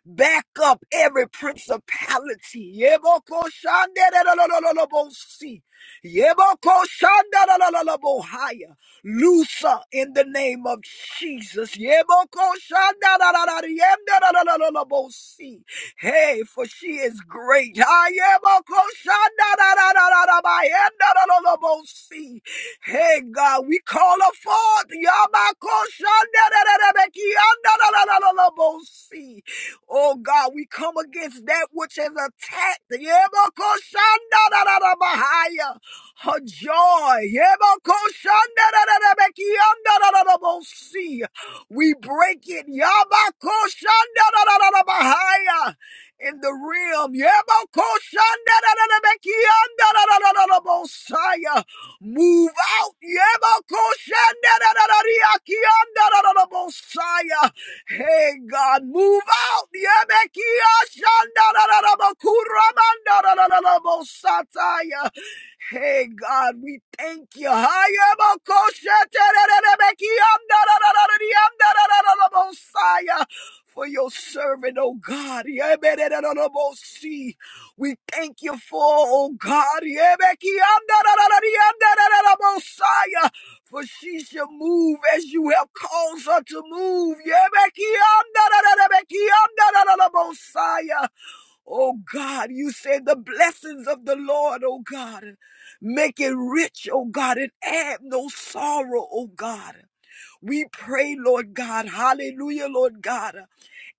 back up every principality. Yeboko shandelelelelelebosi. Yeboko shandelelelelebohaya. Looser in the name of Jesus. Yeboko shandelelelelelebosi. Hey, for she is great. Ayeboko shandelelelelelebosi. Hey, God, we call her forth. Yabako shandelelelelebosi. Oh God, we come against that which has attacked Yebokoshandarabahaya, her joy. Yebokoshandarabekiyandarabosi. We break it Yabakoshandarabahaya, in the realm. Yebokoshandarabekiyandarabosi. Move out. Yebokoshandarabekiyandarabosi. Hey, God, move out. Hey, God, we thank you. Hayamakosheterererebekiandarararararararabosaya. For your servant, oh God. Yabererererobosi. We thank you for, oh God, Messiah, for she shall move as you have caused her to move. Messiah. Oh God, you said the blessings of the Lord, oh God, make it rich, oh God, and add no sorrow, oh God. We pray, Lord God, hallelujah, Lord God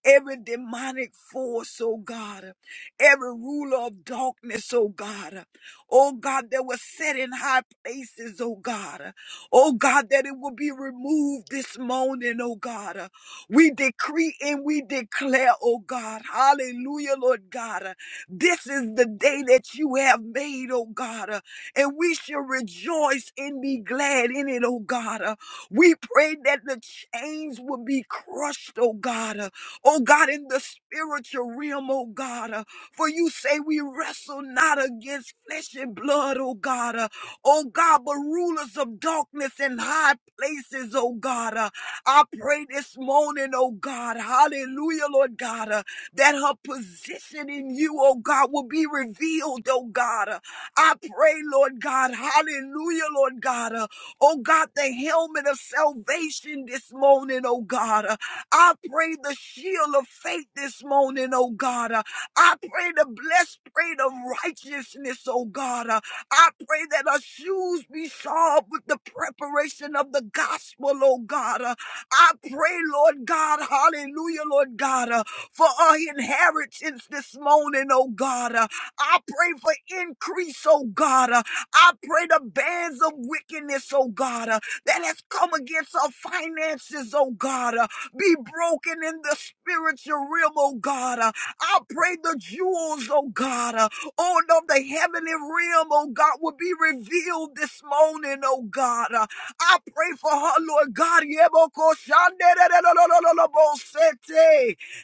every demonic force, oh God, every ruler of darkness, oh God, oh God, that was set in high places, oh God, oh God, that it will be removed this morning, oh God. We decree and we declare, oh God, hallelujah, Lord God, this is the day that you have made, oh God, and we shall rejoice and be glad in it, oh God. We pray that the chains will be crushed, oh God oh God, in the spiritual realm, oh God. uh, For you say we wrestle not against flesh and blood, oh God. uh, Oh God, but rulers of darkness and high places, oh God. uh, I pray this morning, oh God, hallelujah, Lord God, uh, that her position in you, oh God, will be revealed, oh God. uh, I pray, Lord God, hallelujah, Lord God, uh, oh God, the helmet of salvation this morning, oh God. uh, I pray the shield of faith this morning, oh God. Uh, I pray the blessed plate of righteousness, oh God. Uh, I pray that our shoes be shod with the preparation of the gospel, oh God. Uh, I pray, Lord God, hallelujah, Lord God, uh, for our inheritance this morning, oh God. Uh, I pray for increase, oh God. Uh, I pray the bands of wickedness, oh God, uh, that has come against our finances, oh God. Uh, be broken in the spiritual realm, oh God. Uh, I pray the jewels, oh God, uh, on of the heavenly realm, oh God, will be revealed this morning, oh God. Uh, I pray for her, Lord God.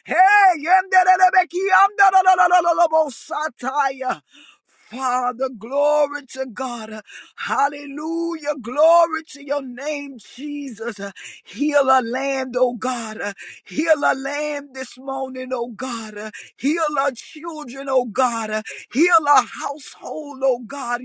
Hey, Father, glory to God. Hallelujah. Glory to your name, Jesus. Heal our land, oh God. Heal our land this morning, oh God. Heal our children, oh God. Heal our household, oh God.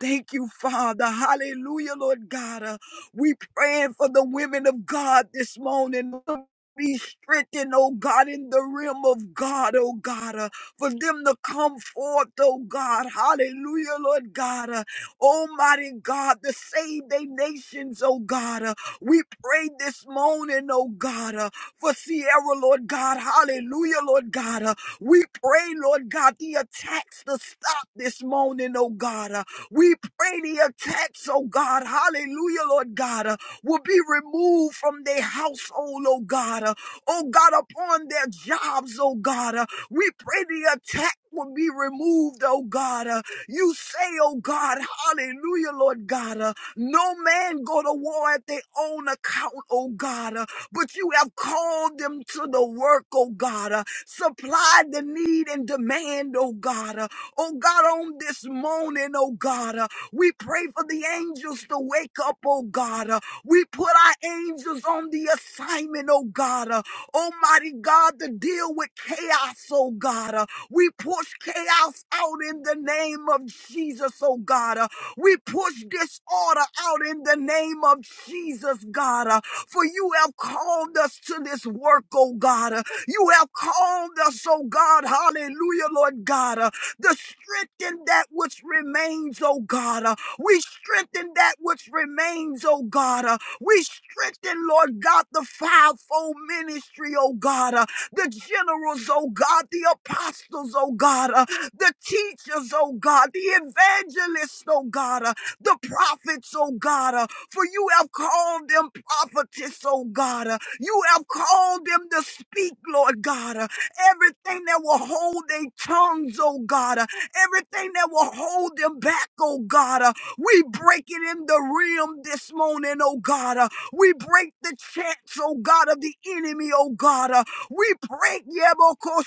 Thank you, Father. Hallelujah, Lord God. We praying for the women of God this morning. the be strengthened, oh God, in the realm of God, oh God, uh, for them to come forth, oh God, hallelujah, Lord God, uh, Almighty God, to save their nations, oh God. uh, we pray this morning, oh God, uh, for Sierra, Lord God, hallelujah, Lord God. uh, we pray, Lord God, the attacks to stop this morning, oh God. uh, we pray the attacks, oh God, hallelujah, Lord God. uh, will be removed from their household, oh God. Uh, Oh God, upon their jobs, oh God. Uh, We pray the attack will be removed, oh God. Uh, You say, oh God, hallelujah, Lord God. uh, No man go to war at their own account, oh God. Uh, But you have called them to the work, oh God. Uh, Supply the need and demand, oh God. Uh, Oh God, on this morning, oh God, uh, we pray for the angels to wake up, oh God. Uh, we put our angels on the assignment, oh God. Uh, Almighty God, to deal with chaos, oh God. Uh, We push chaos out in the name of Jesus, oh God. Uh, We push disorder out in the name of Jesus, God. Uh, For you have called us to this work, oh God. Uh, You have called us, oh God. Hallelujah, Lord God. Uh, The strengthen that which remains, oh God. Uh, we strengthen that which remains, oh God. Uh, We strengthen, Lord God, the fivefold ministry, oh God. Uh, The generals, oh God. The apostles, oh God. Uh, The teachers, oh God. The evangelists, oh God. Uh, The prophets, oh God. Uh, For you have called them prophetess, oh God. Uh, You have called them to speak, Lord God. Uh, Everything that will hold their tongues, oh God. Uh, everything that will hold them back, oh God. Uh, we break it in the realm this morning, oh God. Uh, We break the chance, oh God, of the enemy, oh God. Uh, We break Yeboko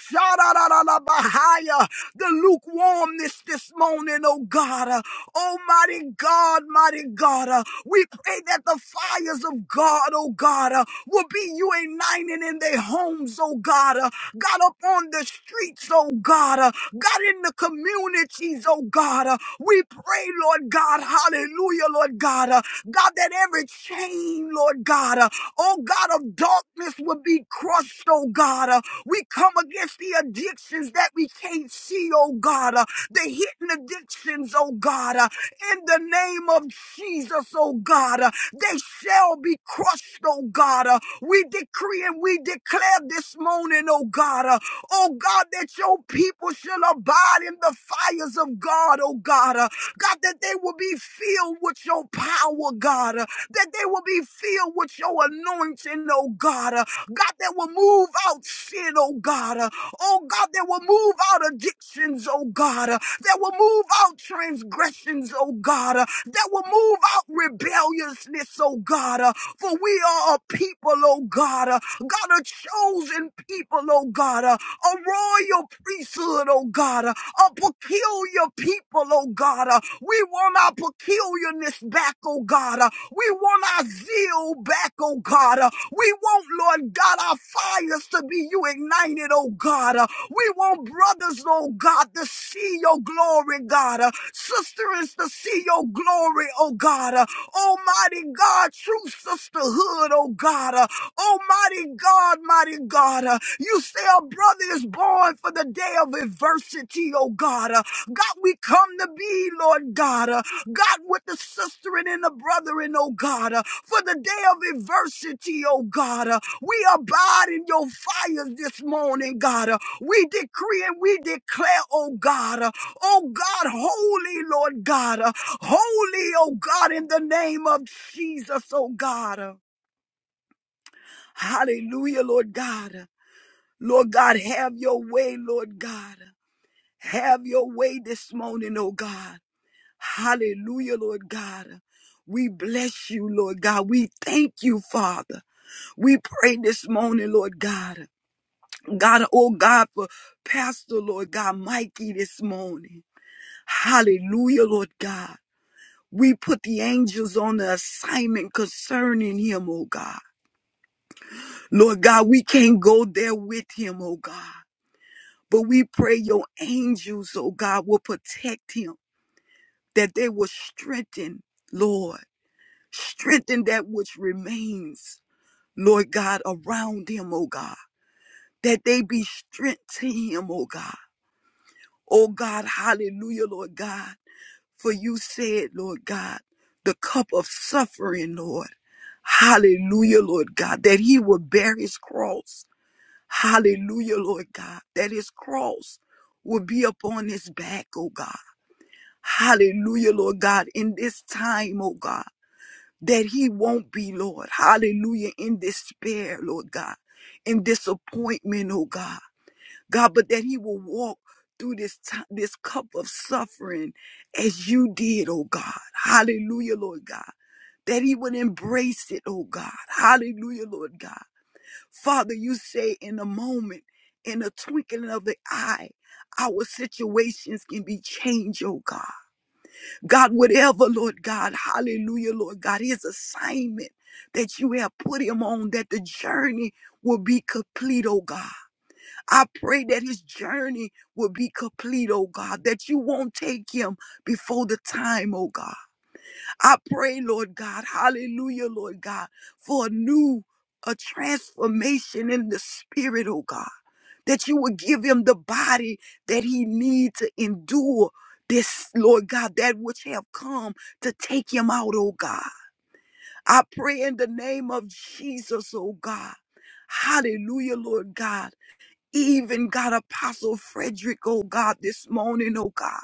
Bahaya, the lukewarmness this morning, oh God. Uh, Oh, mighty God, mighty God. uh, we pray that the fires of God, oh God, uh, will be united in their homes, oh God. uh, God, up on the streets, oh God. uh, God, in the communities, oh God. uh, we pray, Lord God, hallelujah, Lord God. uh, God, that every chain, Lord God, uh, oh God of darkness, will be crushed, oh God. uh, we we come against the addictions that we can't see, oh God, uh, the hidden addictions, oh God, uh, in the name of Jesus, oh God, uh, they shall be crushed, oh God. uh, we decree and we declare this morning, oh God, uh, oh God, that your people shall abide in the fires of God, oh God, uh, God, that they will be filled with your power, God. God, uh, that they will be filled with your anointing, oh God. uh, God, that will move out sin, oh God. uh, Oh God, that will move out addictions, oh God. uh, That will move out transgressions, oh God. uh, That will move out rebelliousness, oh God. uh, For we are a people, oh God. uh, God, a chosen people, oh God. uh, A royal priesthood, oh God. God, uh, a peculiar people, oh God. uh, We want our peculiarness back, oh God. uh, We want our zeal back, oh God. uh, We want, Lord God, our fires to be you ignited, oh God. uh, We want brothers, oh God, to see your glory, God. uh, Sisters to see your glory, oh God. uh, Almighty God, true sisterhood, oh God. uh, Oh, mighty God, mighty God. uh, you say a brother is born for the day of adversity, oh God. Uh, God, we come to be, Lord God. uh, God, with the sister and in the brethren, oh God. uh, for the day of adversity, oh God. uh, we abide in your fires this morning, God. uh, we decree and we declare, oh God. uh, oh God, holy, Lord God. uh, holy, oh God, in the name of Jesus, oh God. uh. Hallelujah, Lord God. Lord God, have your way, Lord God. Have your way this morning, oh God. Hallelujah, Lord God. We bless you, Lord God. We thank you, Father. We pray this morning, Lord God. God, oh God, for Pastor, Lord God, Mikey this morning. Hallelujah, Lord God. We put the angels on the assignment concerning him, oh God. Lord God, we can't go there with him, oh God. But we pray your angels, oh God, will protect him, that they will strengthen, Lord, strengthen that which remains, Lord God, around him, oh God, that they be strength to him, oh God. Oh God, hallelujah, Lord God. For you said, Lord God, the cup of suffering, Lord. Hallelujah, Lord God, that he will bear his cross. Hallelujah, Lord God, that his cross will be upon his back, oh God. Hallelujah, Lord God, in this time, oh God, that he won't be, Lord. Hallelujah, in despair, Lord God, in disappointment, oh God. God, but that he will walk through this time, this cup of suffering as you did, oh God. Hallelujah, Lord God. That he would embrace it, oh God. Hallelujah, Lord God. Father, you say in a moment, in a twinkling of the eye, our situations can be changed, oh God. God, whatever, Lord God, hallelujah, Lord God, his assignment that you have put him on, that the journey will be complete, oh God. I pray that his journey will be complete, oh God, that you won't take him before the time, oh God. I pray, Lord God, hallelujah, Lord God, for a new, a transformation in the spirit, oh God, that you would give him the body that he needs to endure this, Lord God, that which have come to take him out, oh God. I pray in the name of Jesus, oh God. Hallelujah, Lord God. Even God, Apostle Frederick, oh God, this morning, oh God.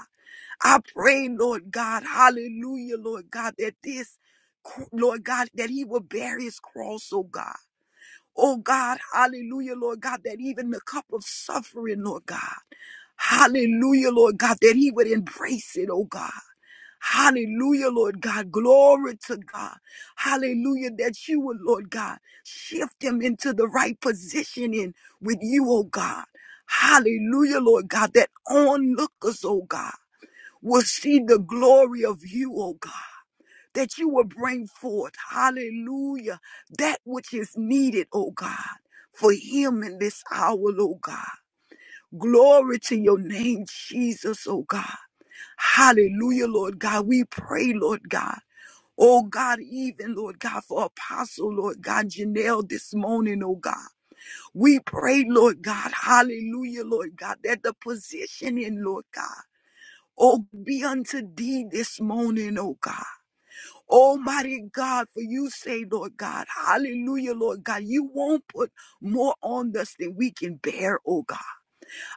I pray, Lord God, hallelujah, Lord God, that this, cr- Lord God, that he will bear his cross, oh God. Oh God, hallelujah, Lord God, that even the cup of suffering, Lord God, hallelujah, Lord God, that he would embrace it, oh God. Hallelujah, Lord God. Glory to God. Hallelujah, that you would, Lord God, shift him into the right positioning with you, oh God. Hallelujah, Lord God, that onlookers, oh God will see the glory of you, oh God, that you will bring forth, hallelujah, that which is needed, oh God, for him in this hour, oh God. Glory to your name, Jesus, oh God. Hallelujah, Lord God. We pray, Lord God. Oh God, even Lord God, for Apostle, Lord God, Janelle this morning, oh God. We pray, Lord God, hallelujah, Lord God, that the positioning, Lord God. Oh, be unto thee this morning, oh God. Almighty God, for you say, Lord God, hallelujah, Lord God, you won't put more on us than we can bear, oh God.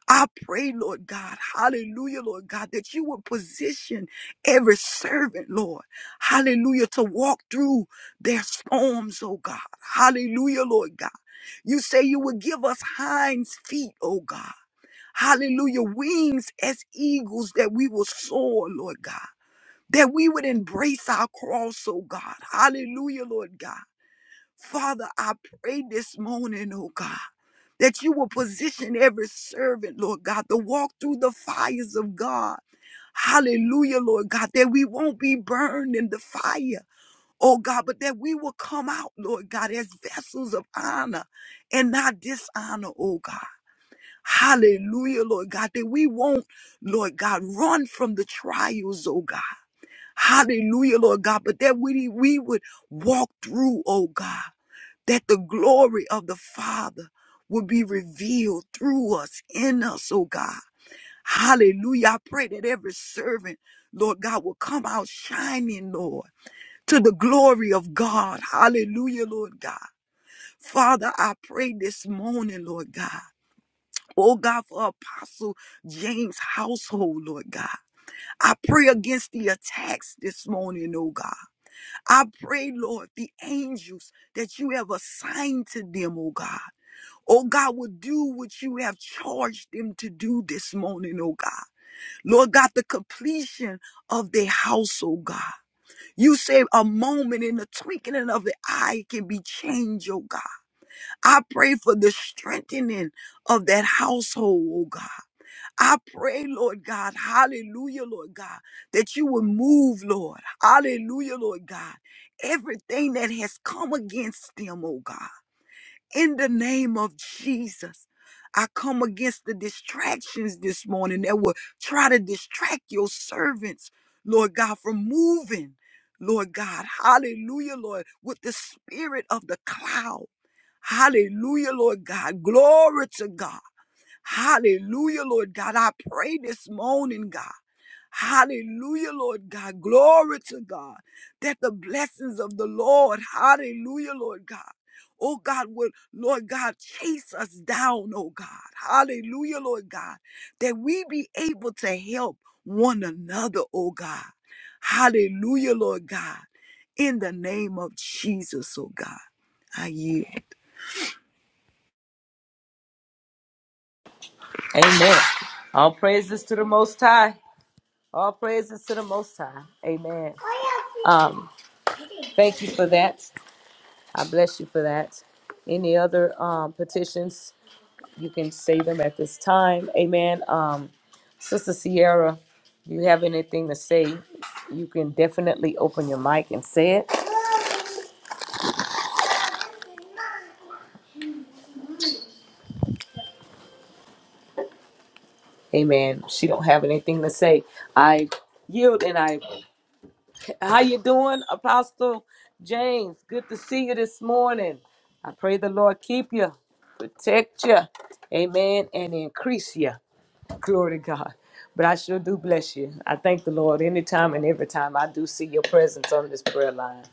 I pray, Lord God, hallelujah, Lord God, that you would position every servant, Lord, hallelujah, to walk through their storms, oh God. Hallelujah, Lord God. You say you would give us hinds feet, oh God hallelujah, wings as eagles that we will soar, Lord God, that we would embrace our cross, oh God, hallelujah, Lord God. Father, I pray this morning, oh God, that you will position every servant, Lord God, to walk through the fires of God. Hallelujah, Lord God, that we won't be burned in the fire, oh God, but that we will come out, Lord God, as vessels of honor and not dishonor, oh God. Hallelujah, Lord God, that we won't, Lord God, run from the trials, oh God. Hallelujah, Lord God, but that we, we would walk through, oh God, that the glory of the Father would be revealed through us, in us, oh God. Hallelujah. I pray that every servant, Lord God, will come out shining, Lord, to the glory of God. Hallelujah, Lord God. Father, I pray this morning, Lord God. Oh God, for Apostle James' household, Lord God. I pray against the attacks this morning, oh God. I pray, Lord, the angels that you have assigned to them, oh God. Oh God, will do what you have charged them to do this morning, oh God. Lord God, the completion of their house, oh God. You say a moment in the twinkling of the eye can be changed, oh God. I pray for the strengthening of that household, oh God. I pray, Lord God, hallelujah, Lord God, that you would move, Lord, hallelujah, Lord God, everything that has come against them, oh God, in the name of Jesus. I come against the distractions this morning that will try to distract your servants, Lord God, from moving, Lord God, hallelujah, Lord, with the spirit of the cloud. Hallelujah, Lord God. Glory to God. Hallelujah, Lord God. I pray this morning, God. Hallelujah, Lord God. Glory to God. That the blessings of the Lord, hallelujah, Lord God. Oh God, will Lord God chase us down, oh God. Hallelujah, Lord God. That we be able to help one another, oh God. Hallelujah, Lord God. In the name of Jesus, oh God. I yield.
Amen. All praises to the Most High. All praises to the Most High. Amen. Um, thank you for that. I bless you for that. Any other um, petitions, you can say them at this time. Amen. Um, Sister Sierra, you have anything to say? You can definitely open your mic and say it. Amen. She don't have anything to say. I yield and I How you doing, Apostle James? Good to see you this morning. I pray the Lord keep you, protect you, amen, and increase you. Glory to God. But I sure do bless you. I thank the Lord anytime and every time I do see your presence on this prayer line.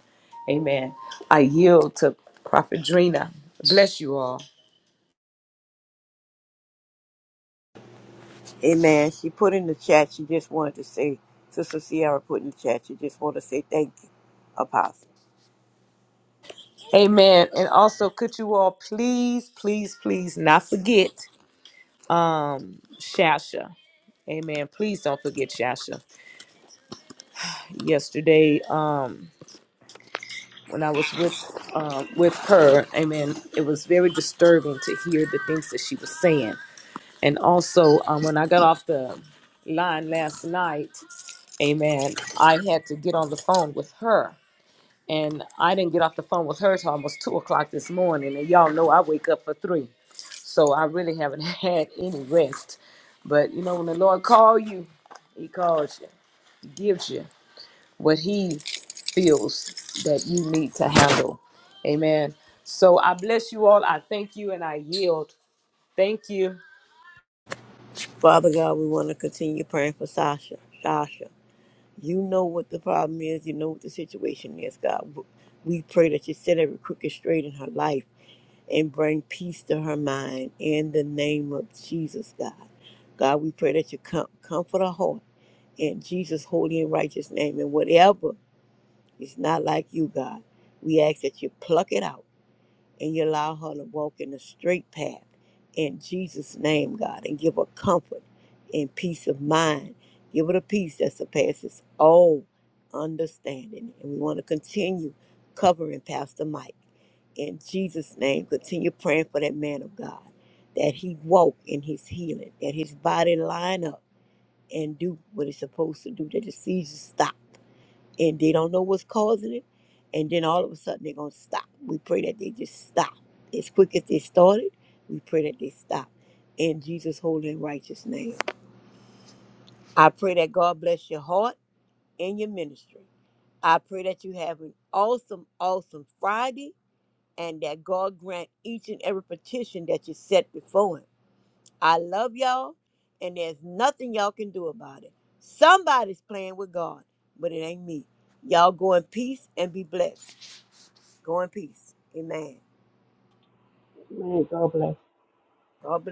Amen. I yield to Prophet Drina. Bless you all.
Amen. She put in the chat, she just wanted to say, Sister Sierra put in the chat, she just wanted to say thank you, Apostle.
Amen. And also, could you all please, please, please not forget Shasha. Amen. Please don't forget Shasha. yesterday um when I was with um with her, amen, it was very disturbing to hear the things that she was saying. And also, um, when I got off the line last night, amen, I had to get on the phone with her. And I didn't get off the phone with her till almost two o'clock this morning. And y'all know I wake up for three. So I really haven't had any rest. But you know, when the Lord call you, he calls you, he gives you. what he feels that you need to handle. Amen. So I bless you all. I thank you and I yield. Thank you.
Father God, we want to continue praying for Sasha. Sasha, you know what the problem is, you know what the situation is, God. We pray that you set every crooked straight in her life. and bring peace to her mind in the name of Jesus, God. God, we pray that you com- comfort her heart in Jesus' holy and righteous name. And whatever is not like you, God, we ask that you pluck it out and you allow her to walk in the straight path in Jesus' name, God, and give her comfort and peace of mind. Give her the peace that surpasses all understanding. And we want to continue covering Pastor Mike. In Jesus' name, continue praying for that man of God, that he walk in his healing, that his body line up and do what it's supposed to do, that the seizures stop and they don't know what's causing it. And then all of a sudden they're gonna stop. We pray that they just stop. As quick as they started, we pray that they stop. In Jesus' holy and righteous name. I pray that God bless your heart and your ministry. I pray that you have an awesome, awesome Friday and that God grant each and every petition that you set before Him. I love y'all, and there's nothing y'all can do about it. Somebody's playing with God, but it ain't me. Y'all go in peace and be blessed. Go in peace. Amen.
Man, God bless.
God bless.